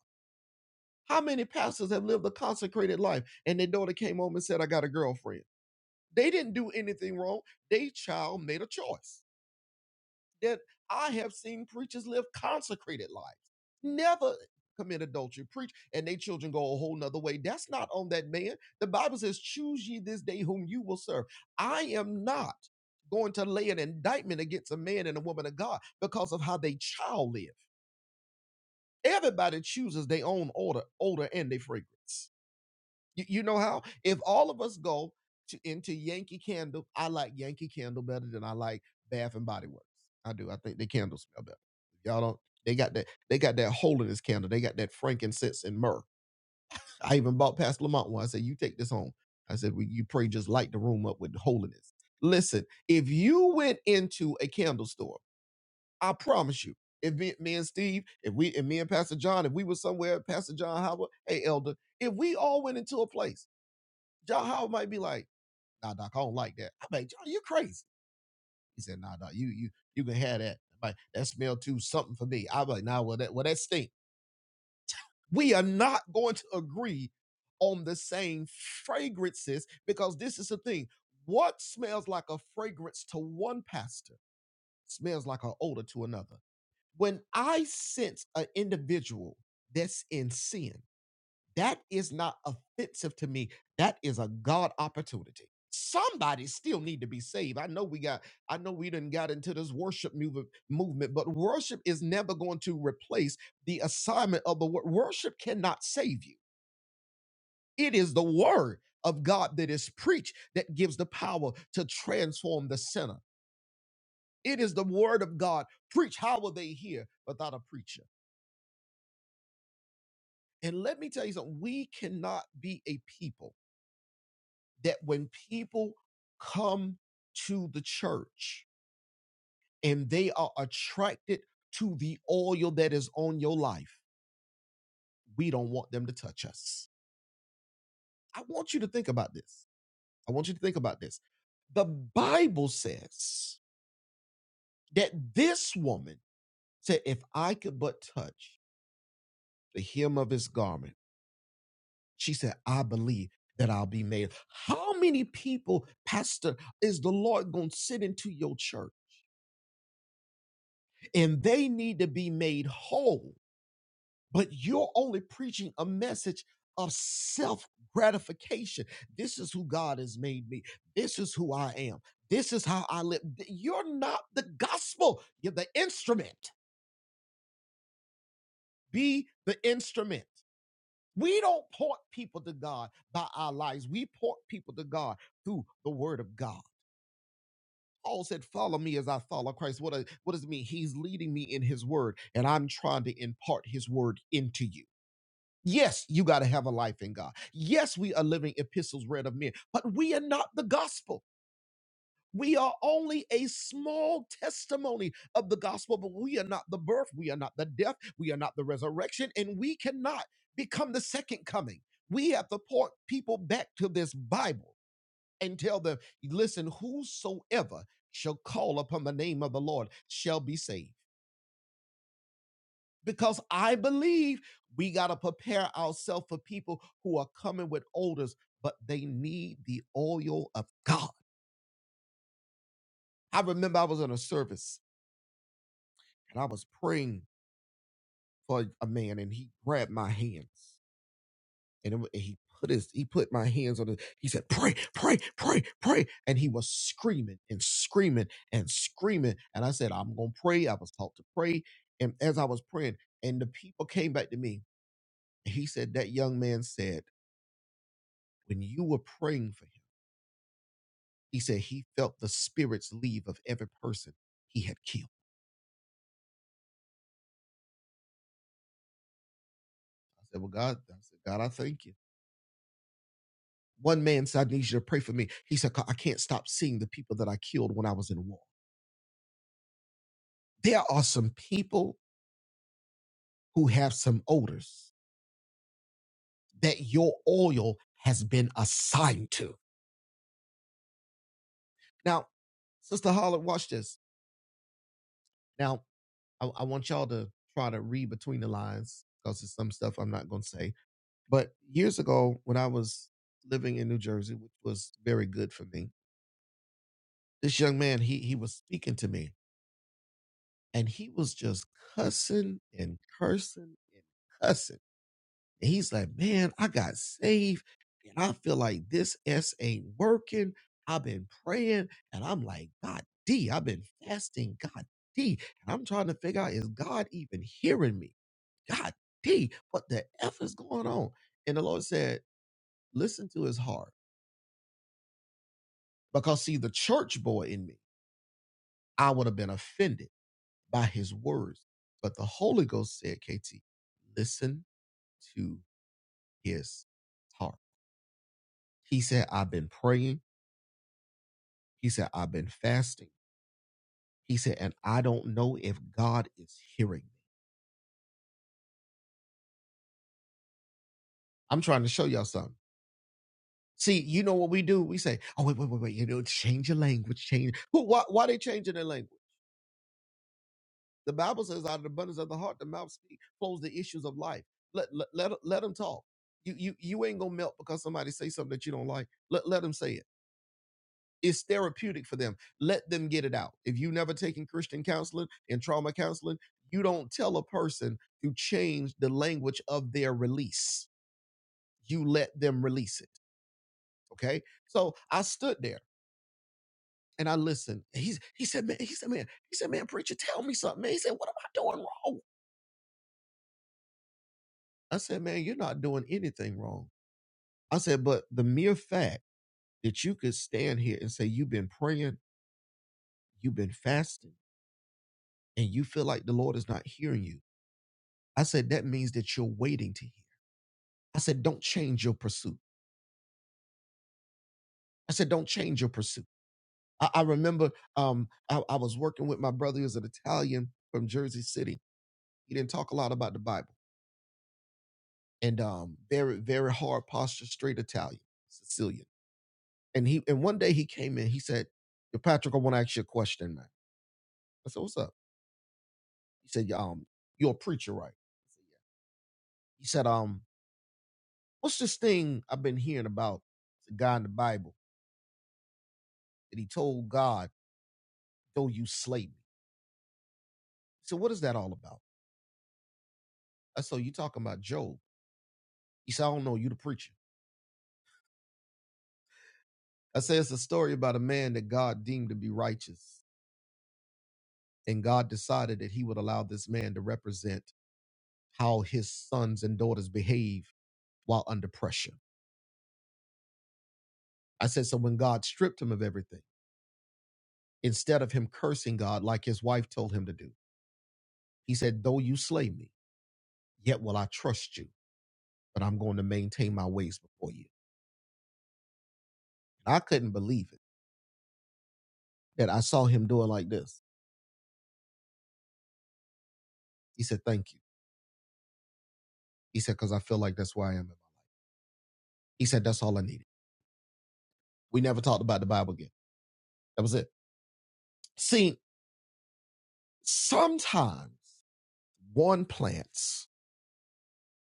How many pastors have lived a consecrated life and their daughter came home and said, "I got a girlfriend"? They didn't do anything wrong. They child made a choice. that I have seen preachers live consecrated lives, never commit adultery, preach, and their children go a whole nother way. That's not on that man. The Bible says, Choose ye this day whom you will serve. I am not going to lay an indictment against a man and a woman of God because of how they child live. Everybody chooses their own order, odor and their fragrance. You, you know how? If all of us go to, into Yankee Candle, I like Yankee Candle better than I like Bath and Body Works. I do. I think the candles smell better. Y'all don't. They got that. They got that holiness candle. They got that frankincense and myrrh. I even bought Pastor Lamont one. I said, "You take this home." I said, well, "You pray, just light the room up with holiness." Listen, if you went into a candle store, I promise you, if me, me and Steve, if we, and me and Pastor John, if we were somewhere, Pastor John Howard, hey Elder, if we all went into a place John Howard might be like, nah, doc, I don't like that. I'm like, John, you crazy. He said, nah, doc, you you you can have that. I'm like, that smell too something for me. I'm like, nah, well that well that stink. We are not going to agree on the same fragrances because this is the thing. What smells like a fragrance to one pastor smells like an odor to another. When I sense an individual that's in sin, That is not offensive to me. That is a God opportunity. Somebody still need to be saved. I know we got, I know we didn't got into this worship move, movement, but worship is never going to replace the assignment of the word. Worship cannot save you. It is the word of God that is preached that gives the power to transform the sinner. It is the word of God. Preach. How will they hear without a preacher? And let me tell you something. We cannot be a people that when people come to the church and they are attracted to the oil that is on your life, we don't want them to touch us. I want you to think about this. I want you to think about this. The Bible says that this woman said, If I could but touch the hem of his garment, she said, I believe that I'll be made. How many people, Pastor, is the Lord going to sit into your church? and they need to be made whole. But you're only preaching a message of self gratification. This is who God has made me. This is who I am. This is how I live. You're not the gospel, you're the instrument. Be the instrument. We don't point people to God by our lives. We point people to God through the word of God. Paul said, Follow me as I follow Christ. What, a- what does it mean? He's leading me in his word, and I'm trying to impart his word into you. Yes, you got to have a life in God. Yes, we are living epistles read of men, but we are not the gospel. We are only a small testimony of the gospel, but we are not the birth, we are not the death, we are not the resurrection, and we cannot become the second coming. We have to point people back to this Bible and tell them, listen, whosoever shall call upon the name of the Lord shall be saved. because I believe we got to prepare ourselves for people who are coming with odors, but they need the oil of God. I remember I was in a service and I was praying for a man and he grabbed my hands and, it wa- and he put his, he put my hands on it. He said, pray, pray, pray, pray. And he was screaming and screaming and screaming. And I said, I'm going to pray. I was taught to pray. And as I was praying and the people came back to me, he said, that young man said, When you were praying for him, he said he felt the spirits leave of every person he had killed. I said, Well, God, I said, God, I thank you. One man said, I need you to pray for me. He said, I can't stop seeing the people that I killed when I was in war. There are some people who have some odors that your oil has been assigned to. Now, Sister Holland, watch this. Now, I, I want y'all to try to read between the lines because there's some stuff I'm not going to say But years ago, when I was living in New Jersey, which was very good for me, this young man he he was speaking to me, and he was just cussing and cursing and cussing. And he's like, "Man, I got saved, and I feel like this s ain't working. I've been praying, and I'm like, God D, I've been fasting, God D, and I'm trying to figure out is God even hearing me? God D, what the f is going on?" And the Lord said, "Listen to his heart." Because, see, the church boy in me, I would have been offended by his words. But the Holy Ghost said, KT, listen to his heart. He said, I've been praying. He said, I've been fasting. He said, and I don't know if God is hearing me. I'm trying to show y'all something. See, you know what we do? We say, oh, wait, wait, wait, wait. You know, change your language, change. Who, why, why are they changing their language? The Bible says out of the abundance of the heart, the mouth speaks, flows the issues of life. Let, let, let, let them talk. You, you, you ain't gonna melt because somebody say something that you don't like. Let, let them say it. It's therapeutic for them. Let them get it out. If you've never taken Christian counseling and trauma counseling, you don't tell a person to change the language of their release. You let them release it. Okay. So I stood there and I listened. He's, he said, man, he said, man, he said, man, preacher, tell me something, man. He said, what am I doing wrong? I said, man, you're not doing anything wrong. I said, but the mere fact that you could stand here and say you've been praying, you've been fasting, and you feel like the Lord is not hearing you. I said, that means that you're waiting to hear. I said, don't change your pursuit. I said, don't change your pursuit. I, I remember um, I, I was working with my brother, he was an Italian from Jersey City. He didn't talk a lot about the Bible and um, very, very hard posture, straight Italian, Sicilian. And he and one day he came in, he said, Patrick, I want to ask you a question, man. I said, "What's up?" He said, "Yeah, "Um, you're a preacher, right?" I said, "Yeah." He said, "Um, what's this thing I've been hearing about the guy in the Bible that he told God, 'Though you slay me?" He said, "What is that all about?" I said, "Oh, "You talking about Job?" He said, "I don't know. You the preacher." I said, "It's a story about a man that God deemed to be righteous, and God decided that He would allow this man to represent how His sons and daughters behave while under pressure." I said, "So when God stripped him of everything." Instead of him cursing God like his wife told him to do, He said, Though you slay me, yet will I trust you, but I'm going to maintain my ways before you. And I couldn't believe it that I saw him doing like this. He said, Thank you. He said, Because I feel like that's where I am. He said, That's all I needed. We never talked about the Bible again. That was it. See, sometimes one plants,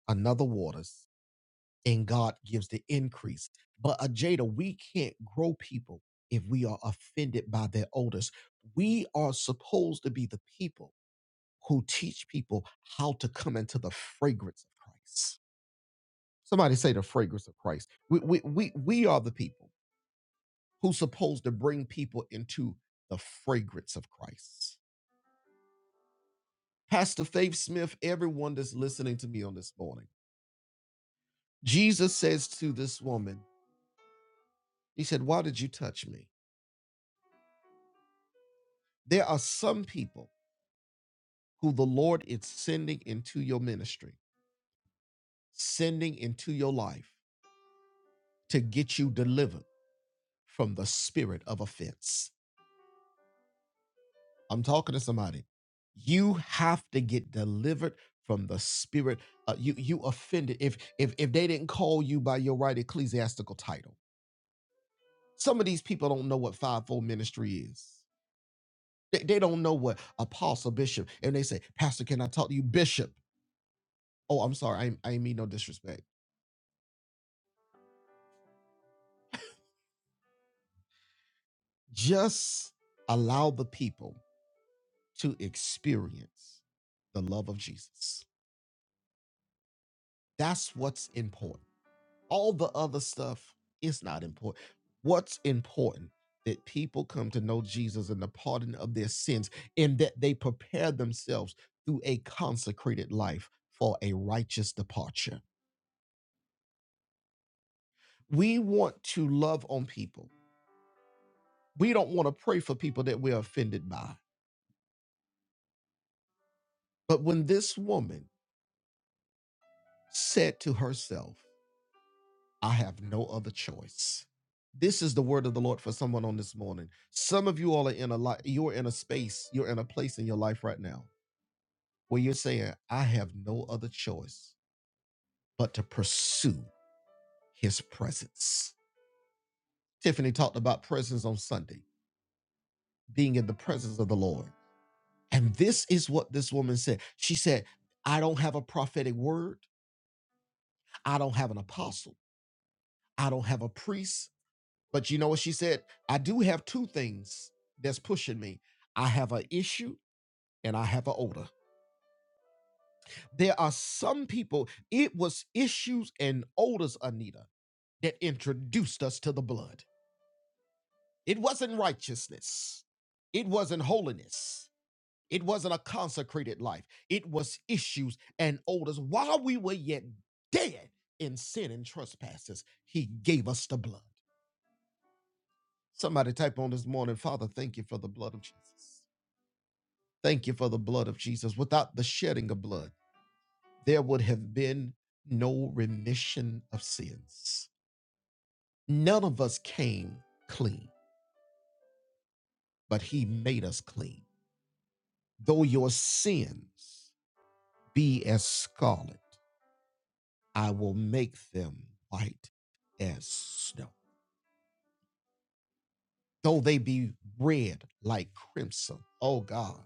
another waters, and God gives the increase. But Ajada, we can't grow people if we are offended by their odors. We are supposed to be the people who teach people how to come into the fragrance of Christ. Somebody say the fragrance of Christ. We, we, we, we are the people who's supposed to bring people into the fragrance of Christ. Pastor Faith Smith, everyone that's listening to me on this morning, Jesus says to this woman, He said, Why did you touch me? There are some people who the Lord is sending into your ministry, sending into your life to get you delivered from the spirit of offense I'm talking to somebody. You have to get delivered from the spirit. Uh, you you offended if if if they didn't call you by your right ecclesiastical title. Some of these people don't know what fivefold ministry is. They, they don't know what apostle bishop and they say, Pastor, can I talk to you, Bishop? Oh, I'm sorry. I ain't- I ain't mean no disrespect. Just allow the people to experience the love of Jesus. That's what's important. all the other stuff is not important. What's important that people come to know Jesus and the pardon of their sins, and that they prepare themselves through a consecrated life for a righteous departure. We want to love on people. We don't want to pray for people that we're offended by. But when this woman said to herself, I have no other choice. This is the word of the Lord for someone on this morning. Some of you all are in a lot, you're in a space, you're in a place in your life right now where you're saying, I have no other choice but to pursue his presence. Tiffany talked about presence on Sunday, being in the presence of the Lord. And this is what this woman said. She said, I don't have a prophetic word, I don't have an apostle, I don't have a priest. But you know what she said? I do have two things that's pushing me. I have an issue and I have an odor. There are some people, it was issues and odors, Anita, that introduced us to the blood. It wasn't righteousness, it wasn't holiness, it wasn't a consecrated life. It was issues and odors. While we were yet dead in sin and trespasses, He gave us the blood. Somebody type on this morning, Father, thank you for the blood of Jesus. Thank you for the blood of Jesus. Without the shedding of blood, there would have been no remission of sins. None of us came clean, but He made us clean. Though your sins be as scarlet, I will make them white as snow. Though they be red like crimson. Oh God.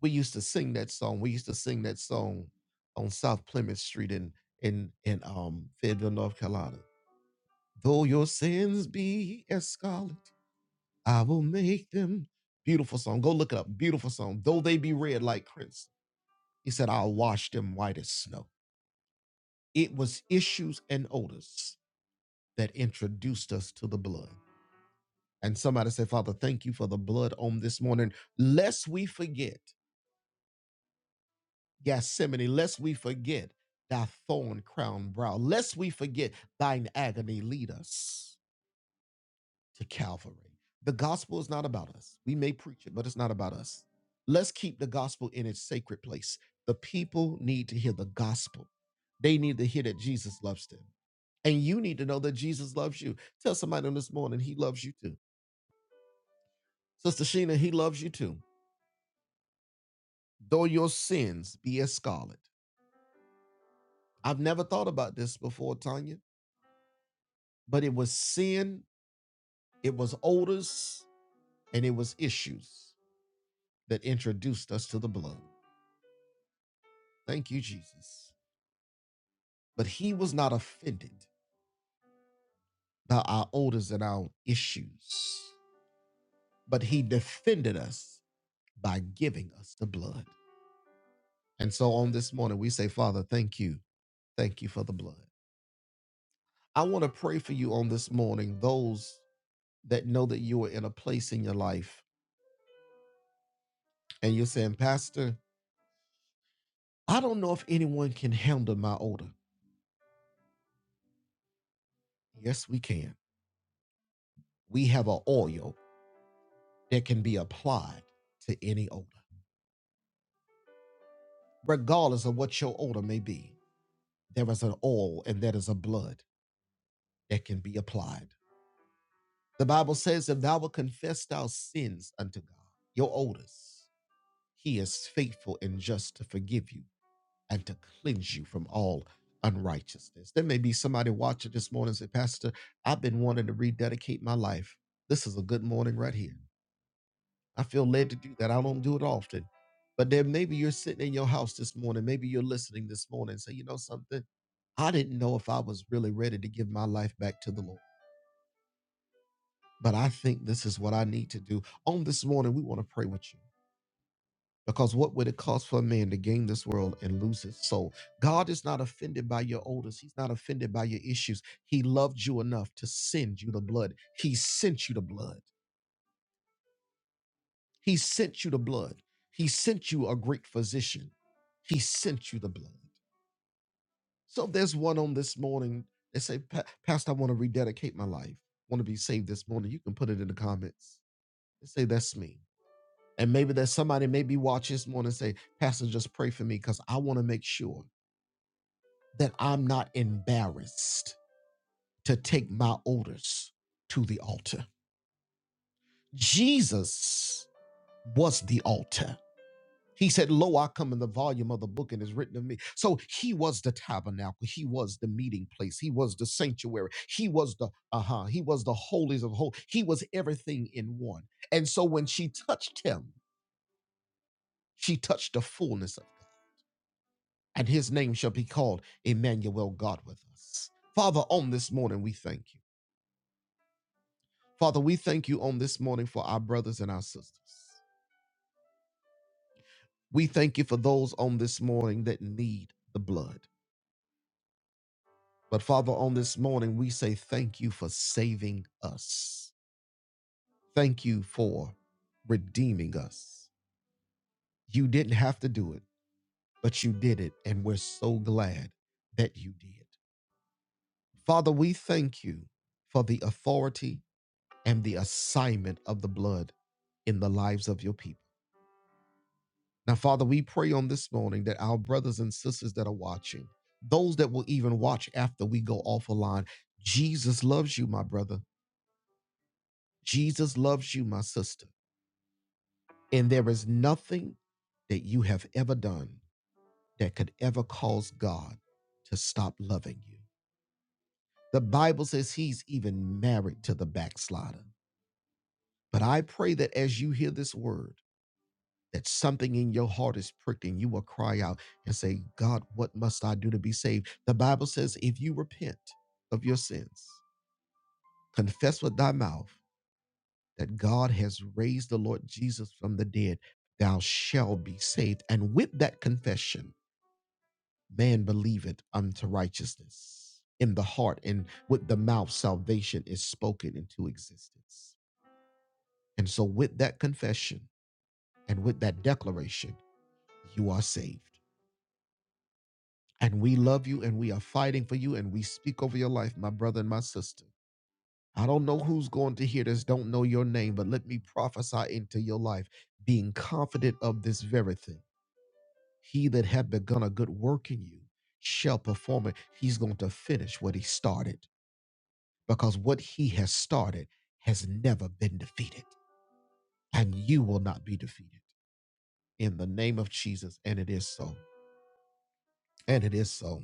We used to sing that song. We used to sing that song on South Plymouth Street in in in um Fayetteville, North Carolina. Though your sins be as scarlet, I will make them. Beautiful song. Go look it up. Beautiful song. Though they be red like crimson, he said, I'll wash them white as snow. It was issues and odors that introduced us to the blood. And somebody said, Father, thank you for the blood on this morning. Lest we forget Gethsemane, lest we forget thy thorn crown brow, lest we forget thine agony lead us. to Calvary. The gospel is not about us. We may preach it, but it's not about us. Let's keep the gospel in its sacred place. The people need to hear the gospel. They need to hear that Jesus loves them. And you need to know that Jesus loves you. Tell somebody on this morning, he loves you too. Sister Sheena, he loves you too. Though your sins be as scarlet. I've never thought about this before, Tanya, but it was sin, it was odors, and it was issues that introduced us to the blood. Thank you, Jesus. but he was not offended by our odors and our issues, but he defended us by giving us the blood. And so on this morning, we say, Father, thank you. Thank you for the blood. I want to pray for you on this morning, those that know that you are in a place in your life and you're saying, Pastor, I don't know if anyone can handle my odor. Yes, we can. We have an oil that can be applied to any odor, regardless of what your odor may be. there is an oil and there is a blood that can be applied. The Bible says, If thou wilt confess thy sins unto God, your odors, he is faithful and just to forgive you and to cleanse you from all unrighteousness. There may be somebody watching this morning and say, Pastor, I've been wanting to rededicate my life. This is a good morning right here. I feel led to do that. I don't do it often. But then maybe you're sitting in your house this morning. Maybe you're listening this morning and say, you know something? I didn't know if I was really ready to give my life back to the Lord. But I think this is what I need to do. On this morning, we want to pray with you. Because what would it cost for a man to gain this world and lose his soul? God is not offended by your odors. He's not offended by your issues. He loved you enough to send you the blood. He sent you the blood. He sent you the blood. He sent you a great physician. He sent you the blood. So if there's one on this morning that say, "Pa- Pastor, I want to rededicate my life. want to be saved this morning. You can put it in the comments and say, that's me. And maybe there's somebody maybe watch this morning and say, Pastor, just pray for me because I want to make sure that I'm not embarrassed to take my orders to the altar. Jesus was the altar. He said, Lo, I come in the volume of the book and is written of me. So he was the tabernacle. He was the meeting place. He was the sanctuary. He was the, uh-huh, he was the holies of holies. He was everything in one. And so when she touched him, she touched the fullness of God. And his name shall be called Emmanuel, God with us. Father, on this morning, we thank you. Father, we thank you on this morning for our brothers and our sisters. We thank you for those on this morning that need the blood. But Father, on this morning, we say thank you for saving us. Thank you for redeeming us. You didn't have to do it, but you did it, and we're so glad that you did. Father, we thank you for the authority and the assignment of the blood in the lives of your people. Now, Father, we pray on this morning that our brothers and sisters that are watching, those that will even watch after we go off a line, Jesus loves you, my brother. Jesus loves you, my sister. And there is nothing that you have ever done that could ever cause God to stop loving you. The Bible says he's even married to the backslider. But I pray that as you hear this word, that something in your heart is pricked and you will cry out and say, God, what must I do to be saved? The Bible says, if you repent of your sins, confess with thy mouth, that God has raised the Lord Jesus from the dead, thou shalt be saved. And with that confession, man believeth unto righteousness in the heart, and with the mouth, salvation is spoken into existence. And so, with that confession and with that declaration, you are saved. And we love you and we are fighting for you and we speak over your life, my brother and my sister. I don't know who's going to hear this, don't know your name, but let me prophesy into your life, being confident of this very thing He that hath begun a good work in you shall perform it. He's going to finish what he started because what he has started has never been defeated, and you will not be defeated. In the name of Jesus, and it is so, and it is so,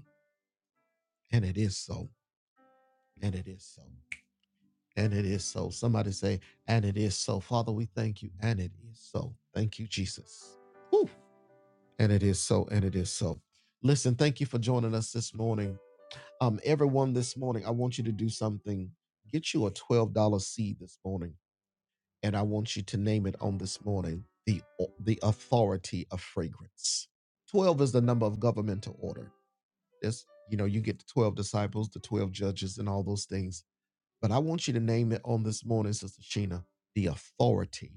and it is so, and it is so, and it is so. Somebody say, and it is so. Father, we thank you, and it is so. Thank you, Jesus. Woo. And it is so, and it is so. Listen, thank you for joining us this morning. Um, everyone this morning, I want you to do something. Get you a $12 seed this morning, and I want you to name it on this morning the, the authority of fragrance. 12 is the number of governmental order. That's, you know, you get the 12 disciples, the 12 judges, and all those things. But I want you to name it on this morning, Sister Sheena, the authority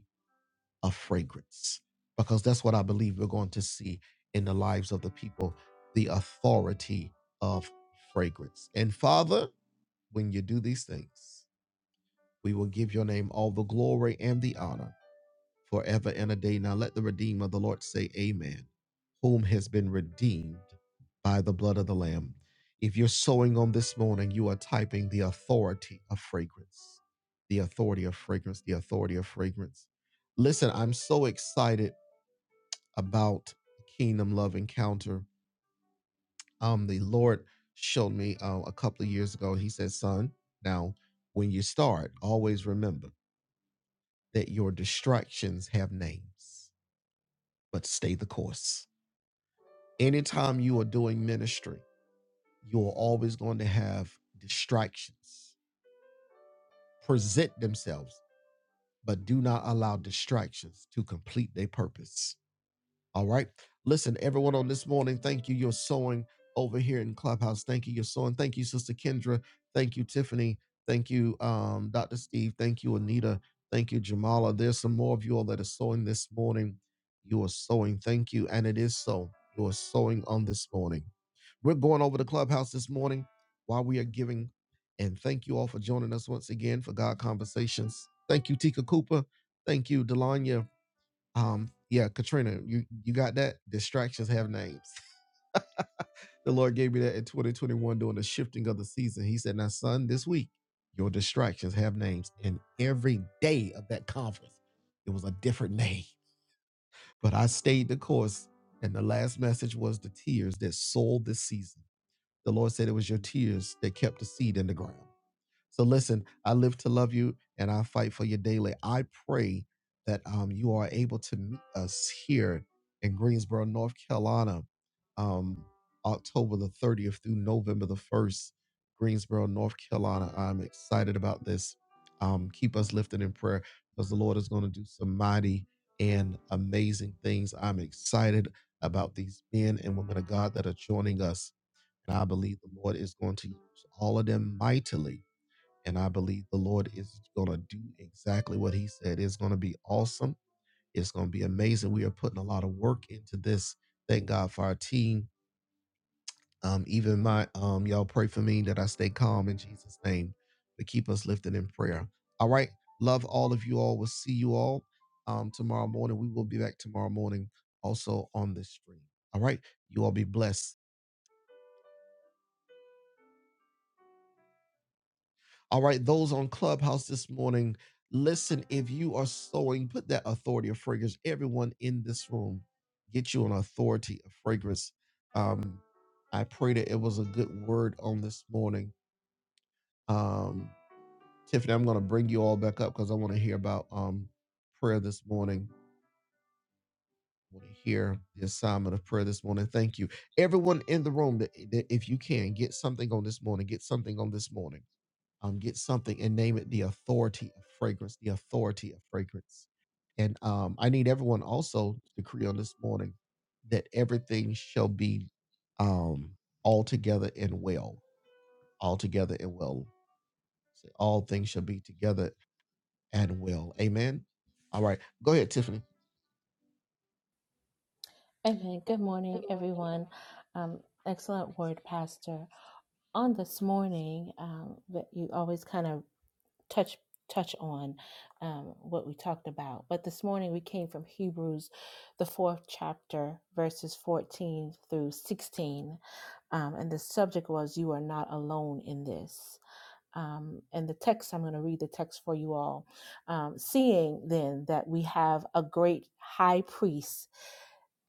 of fragrance, because that's what I believe we're going to see in the lives of the people the authority of fragrance. And Father, when you do these things, we will give your name all the glory and the honor forever and a day. Now let the redeemer of the Lord say, Amen, whom has been redeemed by the blood of the Lamb. If you're sowing on this morning, you are typing the authority of fragrance, the authority of fragrance, the authority of fragrance. Listen, I'm so excited about Kingdom Love Encounter um the Lord showed me uh, a couple of years ago. He said, "Son, now when you start, always remember that your distractions have names, but stay the course. Anytime you are doing ministry, you are always going to have distractions. Present themselves, but do not allow distractions to complete their purpose. All right. Listen, everyone on this morning, thank you. You're sewing over here in Clubhouse. Thank you. You're sewing. Thank you, Sister Kendra. Thank you, Tiffany. Thank you, um, Dr. Steve. Thank you, Anita. Thank you, Jamala. There's some more of you all that are sewing this morning. You are sewing. Thank you. And it is so. You are sewing on this morning. We're going over to Clubhouse this morning while we are giving. And thank you all for joining us once again for God Conversations. Thank you, Tika Cooper. Thank you, Delanya. Um, yeah, Katrina, you you got that? Distractions have names. The Lord gave me that in 2021 during the shifting of the season. He said, Now, son, this week, your distractions have names. And every day of that conference, it was a different name. But I stayed the course. And the last message was the tears that sold the season. The Lord said it was your tears that kept the seed in the ground. So listen, I live to love you and I fight for you daily. I pray that um, you are able to meet us here in Greensboro, North Carolina, um, October the 30th through November the 1st, Greensboro, North Carolina. I'm excited about this. Um, keep us lifted in prayer because the Lord is going to do some mighty and amazing things. I'm excited about these men and women of God that are joining us. And I believe the Lord is going to use all of them mightily and I believe the Lord is going to do exactly what He said. It's going to be awesome. It's going to be amazing. We are putting a lot of work into this. Thank God for our team. Um, even my um, y'all pray for me that I stay calm in Jesus' name. But keep us lifted in prayer. All right. Love all of you all. We'll see you all um, tomorrow morning. We will be back tomorrow morning also on this stream. All right. You all be blessed. All right, those on Clubhouse this morning, listen, if you are sowing, put that authority of fragrance. Everyone in this room, get you an authority of fragrance. Um, I pray that it was a good word on this morning. Um, Tiffany, I'm going to bring you all back up because I want to hear about um, prayer this morning. I want to hear the assignment of prayer this morning. Thank you. Everyone in the room, that, that if you can, get something on this morning, get something on this morning um, get something and name it the authority of fragrance, the authority of fragrance. And um, I need everyone also to decree on this morning that everything shall be um, all together and well, all together and well. Say, all things shall be together and well. Amen. All right, go ahead, Tiffany. Amen. Good morning, everyone. Um, excellent word, Pastor. On this morning, um, that you always kind of touch touch on um, what we talked about, but this morning we came from Hebrews, the fourth chapter, verses fourteen through sixteen, um, and the subject was "You are not alone in this." Um, and the text, I'm going to read the text for you all. Um, Seeing then that we have a great high priest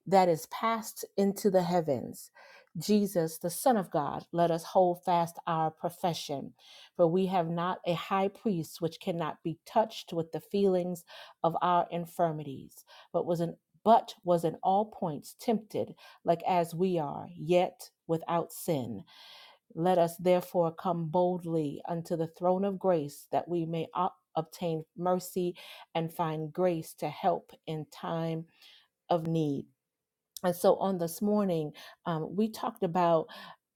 that is passed into the heavens. Jesus, the Son of God, let us hold fast our profession. For we have not a high priest which cannot be touched with the feelings of our infirmities, but was in, but was in all points tempted like as we are, yet without sin. Let us therefore come boldly unto the throne of grace that we may ob- obtain mercy and find grace to help in time of need. And so on this morning, um, we talked about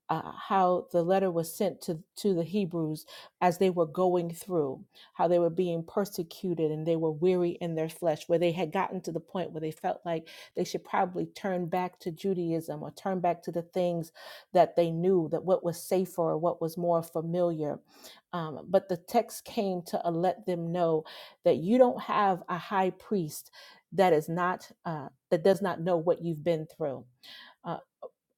uh, how the letter was sent to to the Hebrews as they were going through, how they were being persecuted and they were weary in their flesh, where they had gotten to the point where they felt like they should probably turn back to Judaism or turn back to the things that they knew that what was safer or what was more familiar. Um, but the text came to uh, let them know that you don't have a high priest that is not uh, that does not know what you've been through. Uh,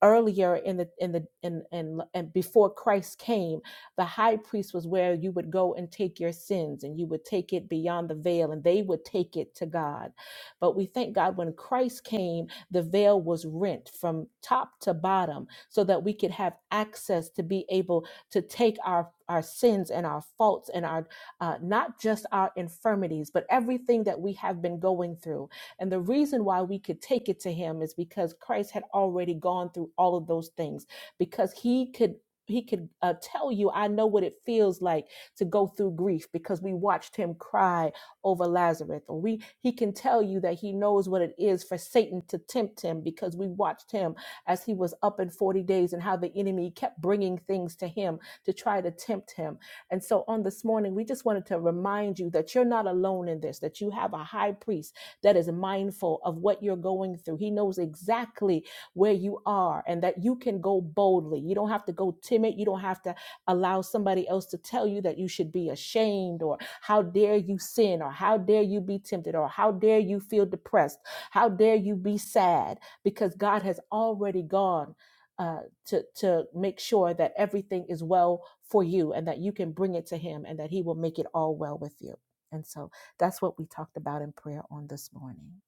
earlier in the in the in and and before Christ came, the high priest was where you would go and take your sins and you would take it beyond the veil and they would take it to God. But we thank God when Christ came, the veil was rent from top to bottom so that we could have access to be able to take our our sins and our faults and our uh, not just our infirmities, but everything that we have been going through and the reason why we could take it to him is because Christ had already gone through all of those things, because he could. He could uh, tell you, I know what it feels like to go through grief because we watched him cry over Lazarus. Or we, he can tell you that he knows what it is for Satan to tempt him because we watched him as he was up in 40 days and how the enemy kept bringing things to him to try to tempt him. And so on this morning, we just wanted to remind you that you're not alone in this, that you have a high priest that is mindful of what you're going through. He knows exactly where you are and that you can go boldly. You don't have to go timid. You don't have to allow somebody else to tell you that you should be ashamed or how dare you sin or how dare you be tempted or how dare you feel depressed. How dare you be sad because God has already gone uh, to to make sure that everything is well for you and that you can bring it to him and that he will make it all well with you. And so that's what we talked about in prayer on this morning.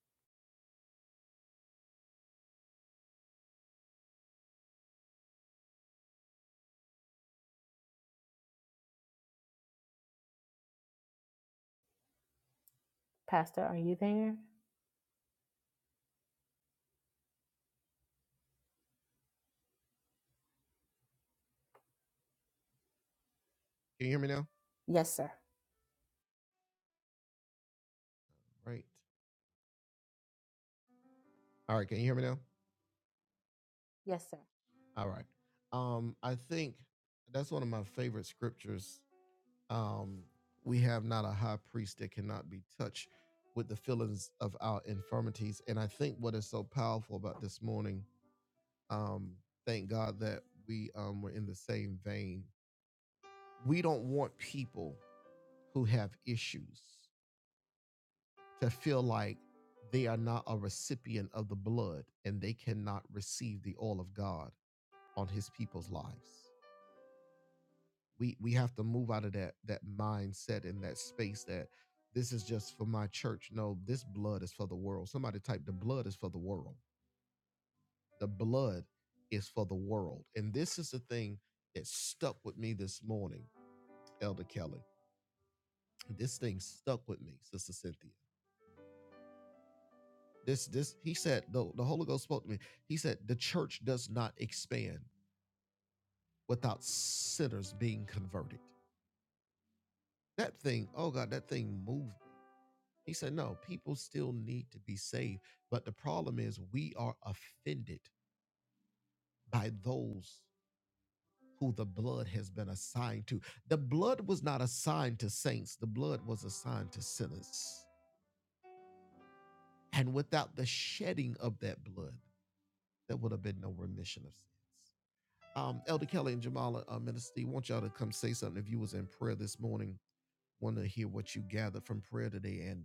Can you hear me now? Yes, sir. Right. All right. Can you hear me now? All right. Um, I think that's one of my favorite scriptures Um, we have not a high priest that cannot be touched with the feelings of our infirmities. And I think what is so powerful about this morning, um, thank God that we um, were in the same vein. We don't want people who have issues to feel like they are not a recipient of the blood and they cannot receive the all of God on his people's lives. we we have to move out of that that mindset and that space that this is just for my church no this blood is for the world somebody type the blood is for the world the blood is for the world and this is the thing that stuck with me this morning elder kelly this thing stuck with me sister cynthia this this he said the, the holy ghost spoke to me he said the church does not expand without sinners being converted that thing oh god that thing moved He said, no, people still need to be saved. But the problem is, we are offended by those who the blood has been assigned to. The blood was not assigned to saints, the blood was assigned to sinners. And without the shedding of that blood, there would have been no remission of sins. Um, Elder Kelly and Jamala uh, Minister, Steve, want y'all to come say something. If you was in prayer this morning, want to hear what you gathered from prayer today, and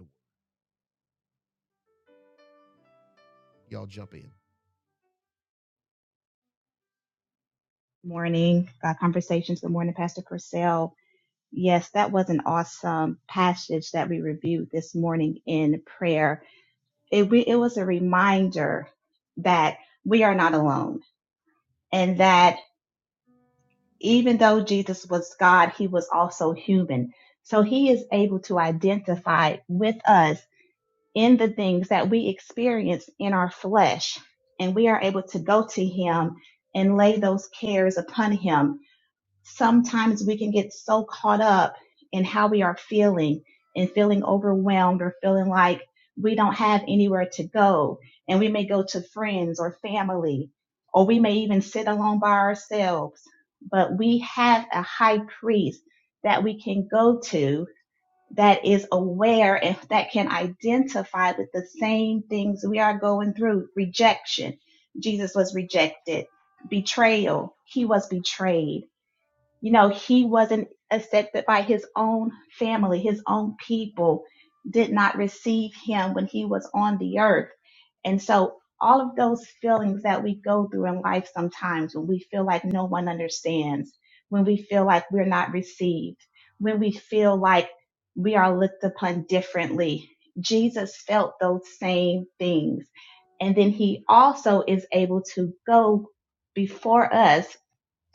y'all jump in. morning uh, conversations. Good morning, Pastor Purcell. Yes, that was an awesome passage that we reviewed this morning in prayer. It, we, it was a reminder that we are not alone and that even though Jesus was God, he was also human. So he is able to identify with us in the things that we experience in our flesh. And we are able to go to him and lay those cares upon him sometimes we can get so caught up in how we are feeling and feeling overwhelmed or feeling like we don't have anywhere to go. And we may go to friends or family, or we may even sit alone by ourselves. But we have a high priest that we can go to that is aware and that can identify with the same things we are going through rejection. Jesus was rejected, betrayal. He was betrayed you know, he wasn't accepted by his own family, his own people did not receive him when he was on the earth. And so, all of those feelings that we go through in life sometimes when we feel like no one understands, when we feel like we're not received, when we feel like we are looked upon differently, Jesus felt those same things. And then he also is able to go before us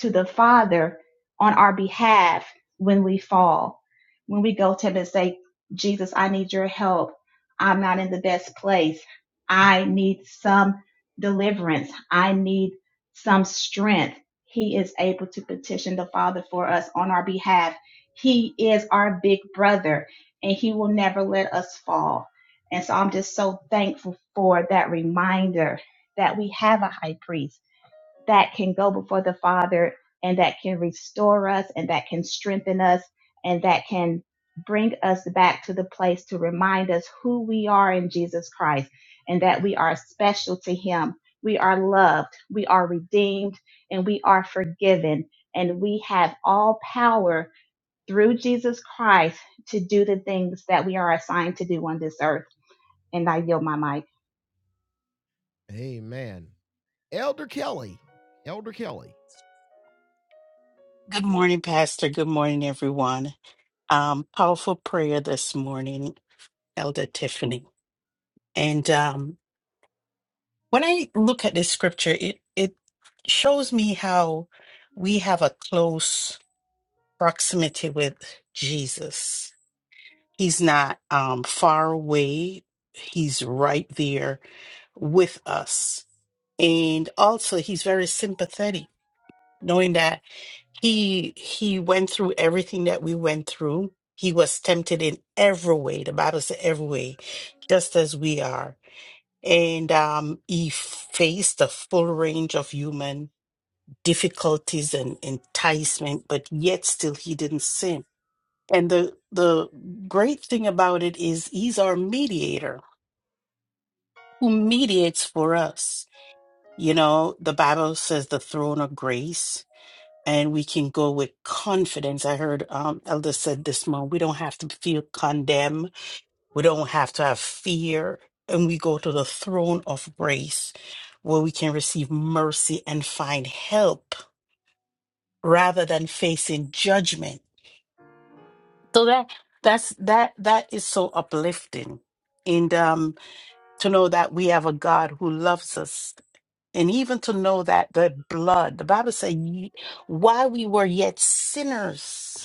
to the Father on our behalf when we fall. When we go to Him and say, Jesus, I need your help. I'm not in the best place. I need some deliverance. I need some strength. He is able to petition the Father for us on our behalf. He is our big brother and He will never let us fall. And so I'm just so thankful for that reminder that we have a high priest that can go before the Father and that can restore us and that can strengthen us and that can bring us back to the place to remind us who we are in Jesus Christ and that we are special to Him. We are loved, we are redeemed, and we are forgiven. And we have all power through Jesus Christ to do the things that we are assigned to do on this earth. And I yield my mic. Amen. Elder Kelly, Elder Kelly. Good morning, Pastor. Good morning, everyone. Um, powerful prayer this morning, Elder Tiffany. And um, when I look at this scripture, it it shows me how we have a close proximity with Jesus. He's not um, far away. He's right there with us, and also he's very sympathetic knowing that he he went through everything that we went through. He was tempted in every way. The Bible says every way, just as we are. And um, he faced the full range of human difficulties and enticement, but yet still he didn't sin. And the the great thing about it is he's our mediator who mediates for us. You know, the Bible says the throne of grace and we can go with confidence. I heard um, Elder said this morning, we don't have to feel condemned. We don't have to have fear. And we go to the throne of grace where we can receive mercy and find help rather than facing judgment. So that that's that that is so uplifting. And um, to know that we have a God who loves us and even to know that the blood, the Bible says, while we were yet sinners.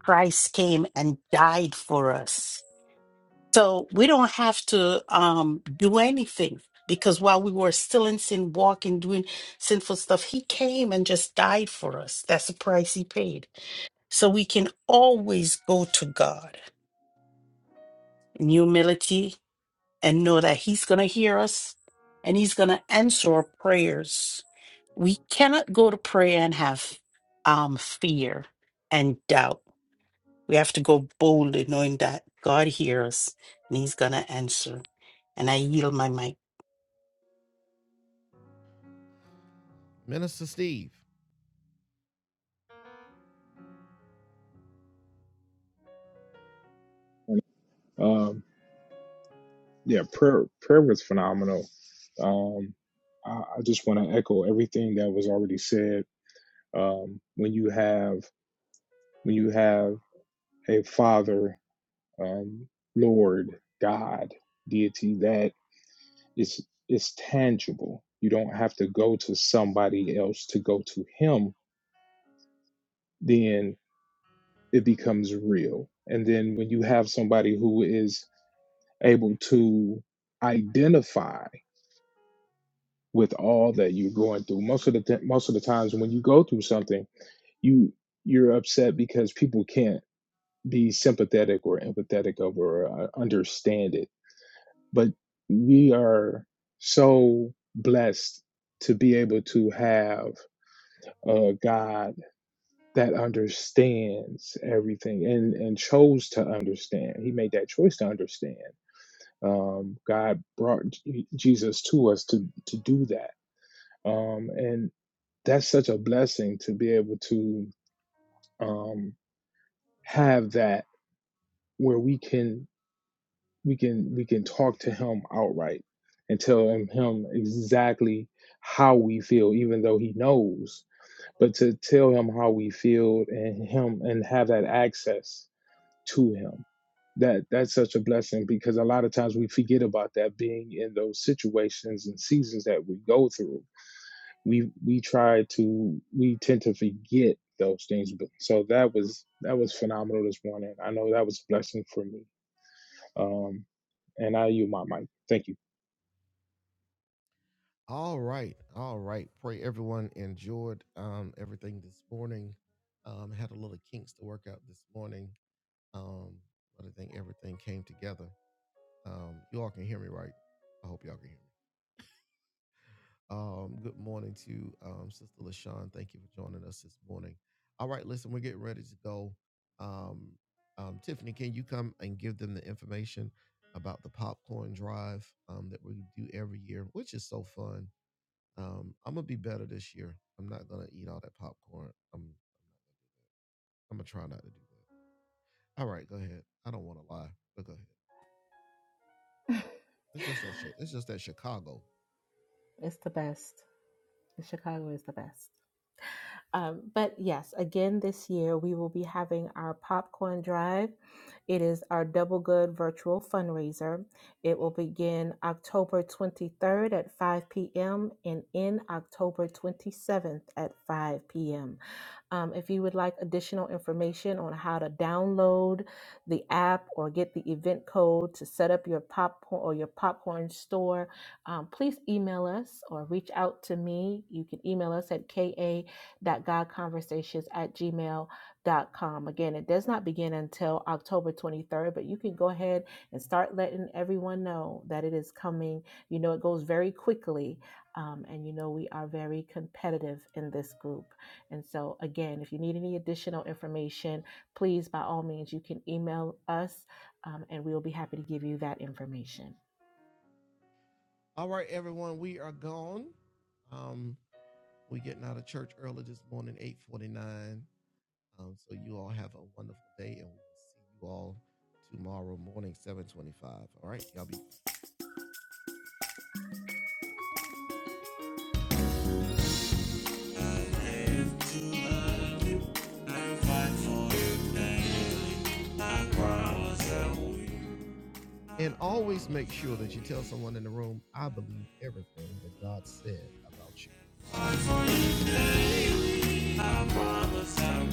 Christ came and died for us. So we don't have to um, do anything because while we were still in sin, walking, doing sinful stuff, he came and just died for us. That's the price he paid. So we can always go to God in humility and know that he's going to hear us and he's going to answer our prayers. We cannot go to prayer and have um, fear and doubt We have to go boldly, knowing that God hears and He's going to answer. And I yield my mic. Minister Steve. Um, yeah, prayer prayer was phenomenal. Um, I, I just want to echo everything that was already said. Um, when you have when you have a Father, um, Lord, God, deity that is is tangible. You don't have to go to somebody else to go to Him. Then it becomes real. And then when you have somebody who is able to identify with all that you're going through. Most of the t- most of the times when you go through something, you you're upset because people can't be sympathetic or empathetic over or uh, understand it. But we are so blessed to be able to have a God that understands everything and and chose to understand. He made that choice to understand. Um, God brought J- Jesus to us to to do that. Um, and that's such a blessing to be able to um, have that where we can we can we can talk to him outright and tell him, him exactly how we feel even though he knows but to tell him how we feel and him and have that access to him that that's such a blessing because a lot of times we forget about that being in those situations and seasons that we go through we we try to we tend to forget those things But- so that was that was phenomenal this morning i know that was a blessing for me um and i you my mic thank you All right. All right. Pray everyone enjoyed um, everything this morning. Um, had a little kinks to work out this morning. Um, but I think everything came together. Um, you all can hear me, right? I hope y'all can hear me. Um, good morning to um, Sister LaShawn. Thank you for joining us this morning. All right. Listen, we're getting ready to go. Um, um, Tiffany, can you come and give them the information about the popcorn drive um, that we do every year, which is so fun? Um, I'm gonna be better this year. I'm not gonna eat all that popcorn. I'm I'm gonna try not to do that. All right, go ahead. I don't want to lie, but go ahead. It's just that shit. It's just that Chicago. It's the best. Chicago is the best. Um, but yes, again, this year we will be having our popcorn drive. It is our Double Good virtual fundraiser. It will begin October 23rd at 5 p.m. and end October 27th at 5 p.m. Um, if you would like additional information on how to download the app or get the event code to set up your popcorn or your popcorn store, um, please email us or reach out to me. You can email us at ka conversations at gmail dot com. Again, it does not begin until October 23rd, but you can go ahead and start letting everyone know that it is coming. You know, it goes very quickly. Um, and you know, we are very competitive in this group. And so, again, if you need any additional information, please, by all means, you can email us um, and we'll be happy to give you that information. All right, everyone, we are gone. Um, we're getting out of church early this morning, 8:49. Um, so you all have a wonderful day, and we'll see you all tomorrow morning, 7:25. All right, y'all be. And always make sure that you tell someone in the room, I believe everything that God said about you.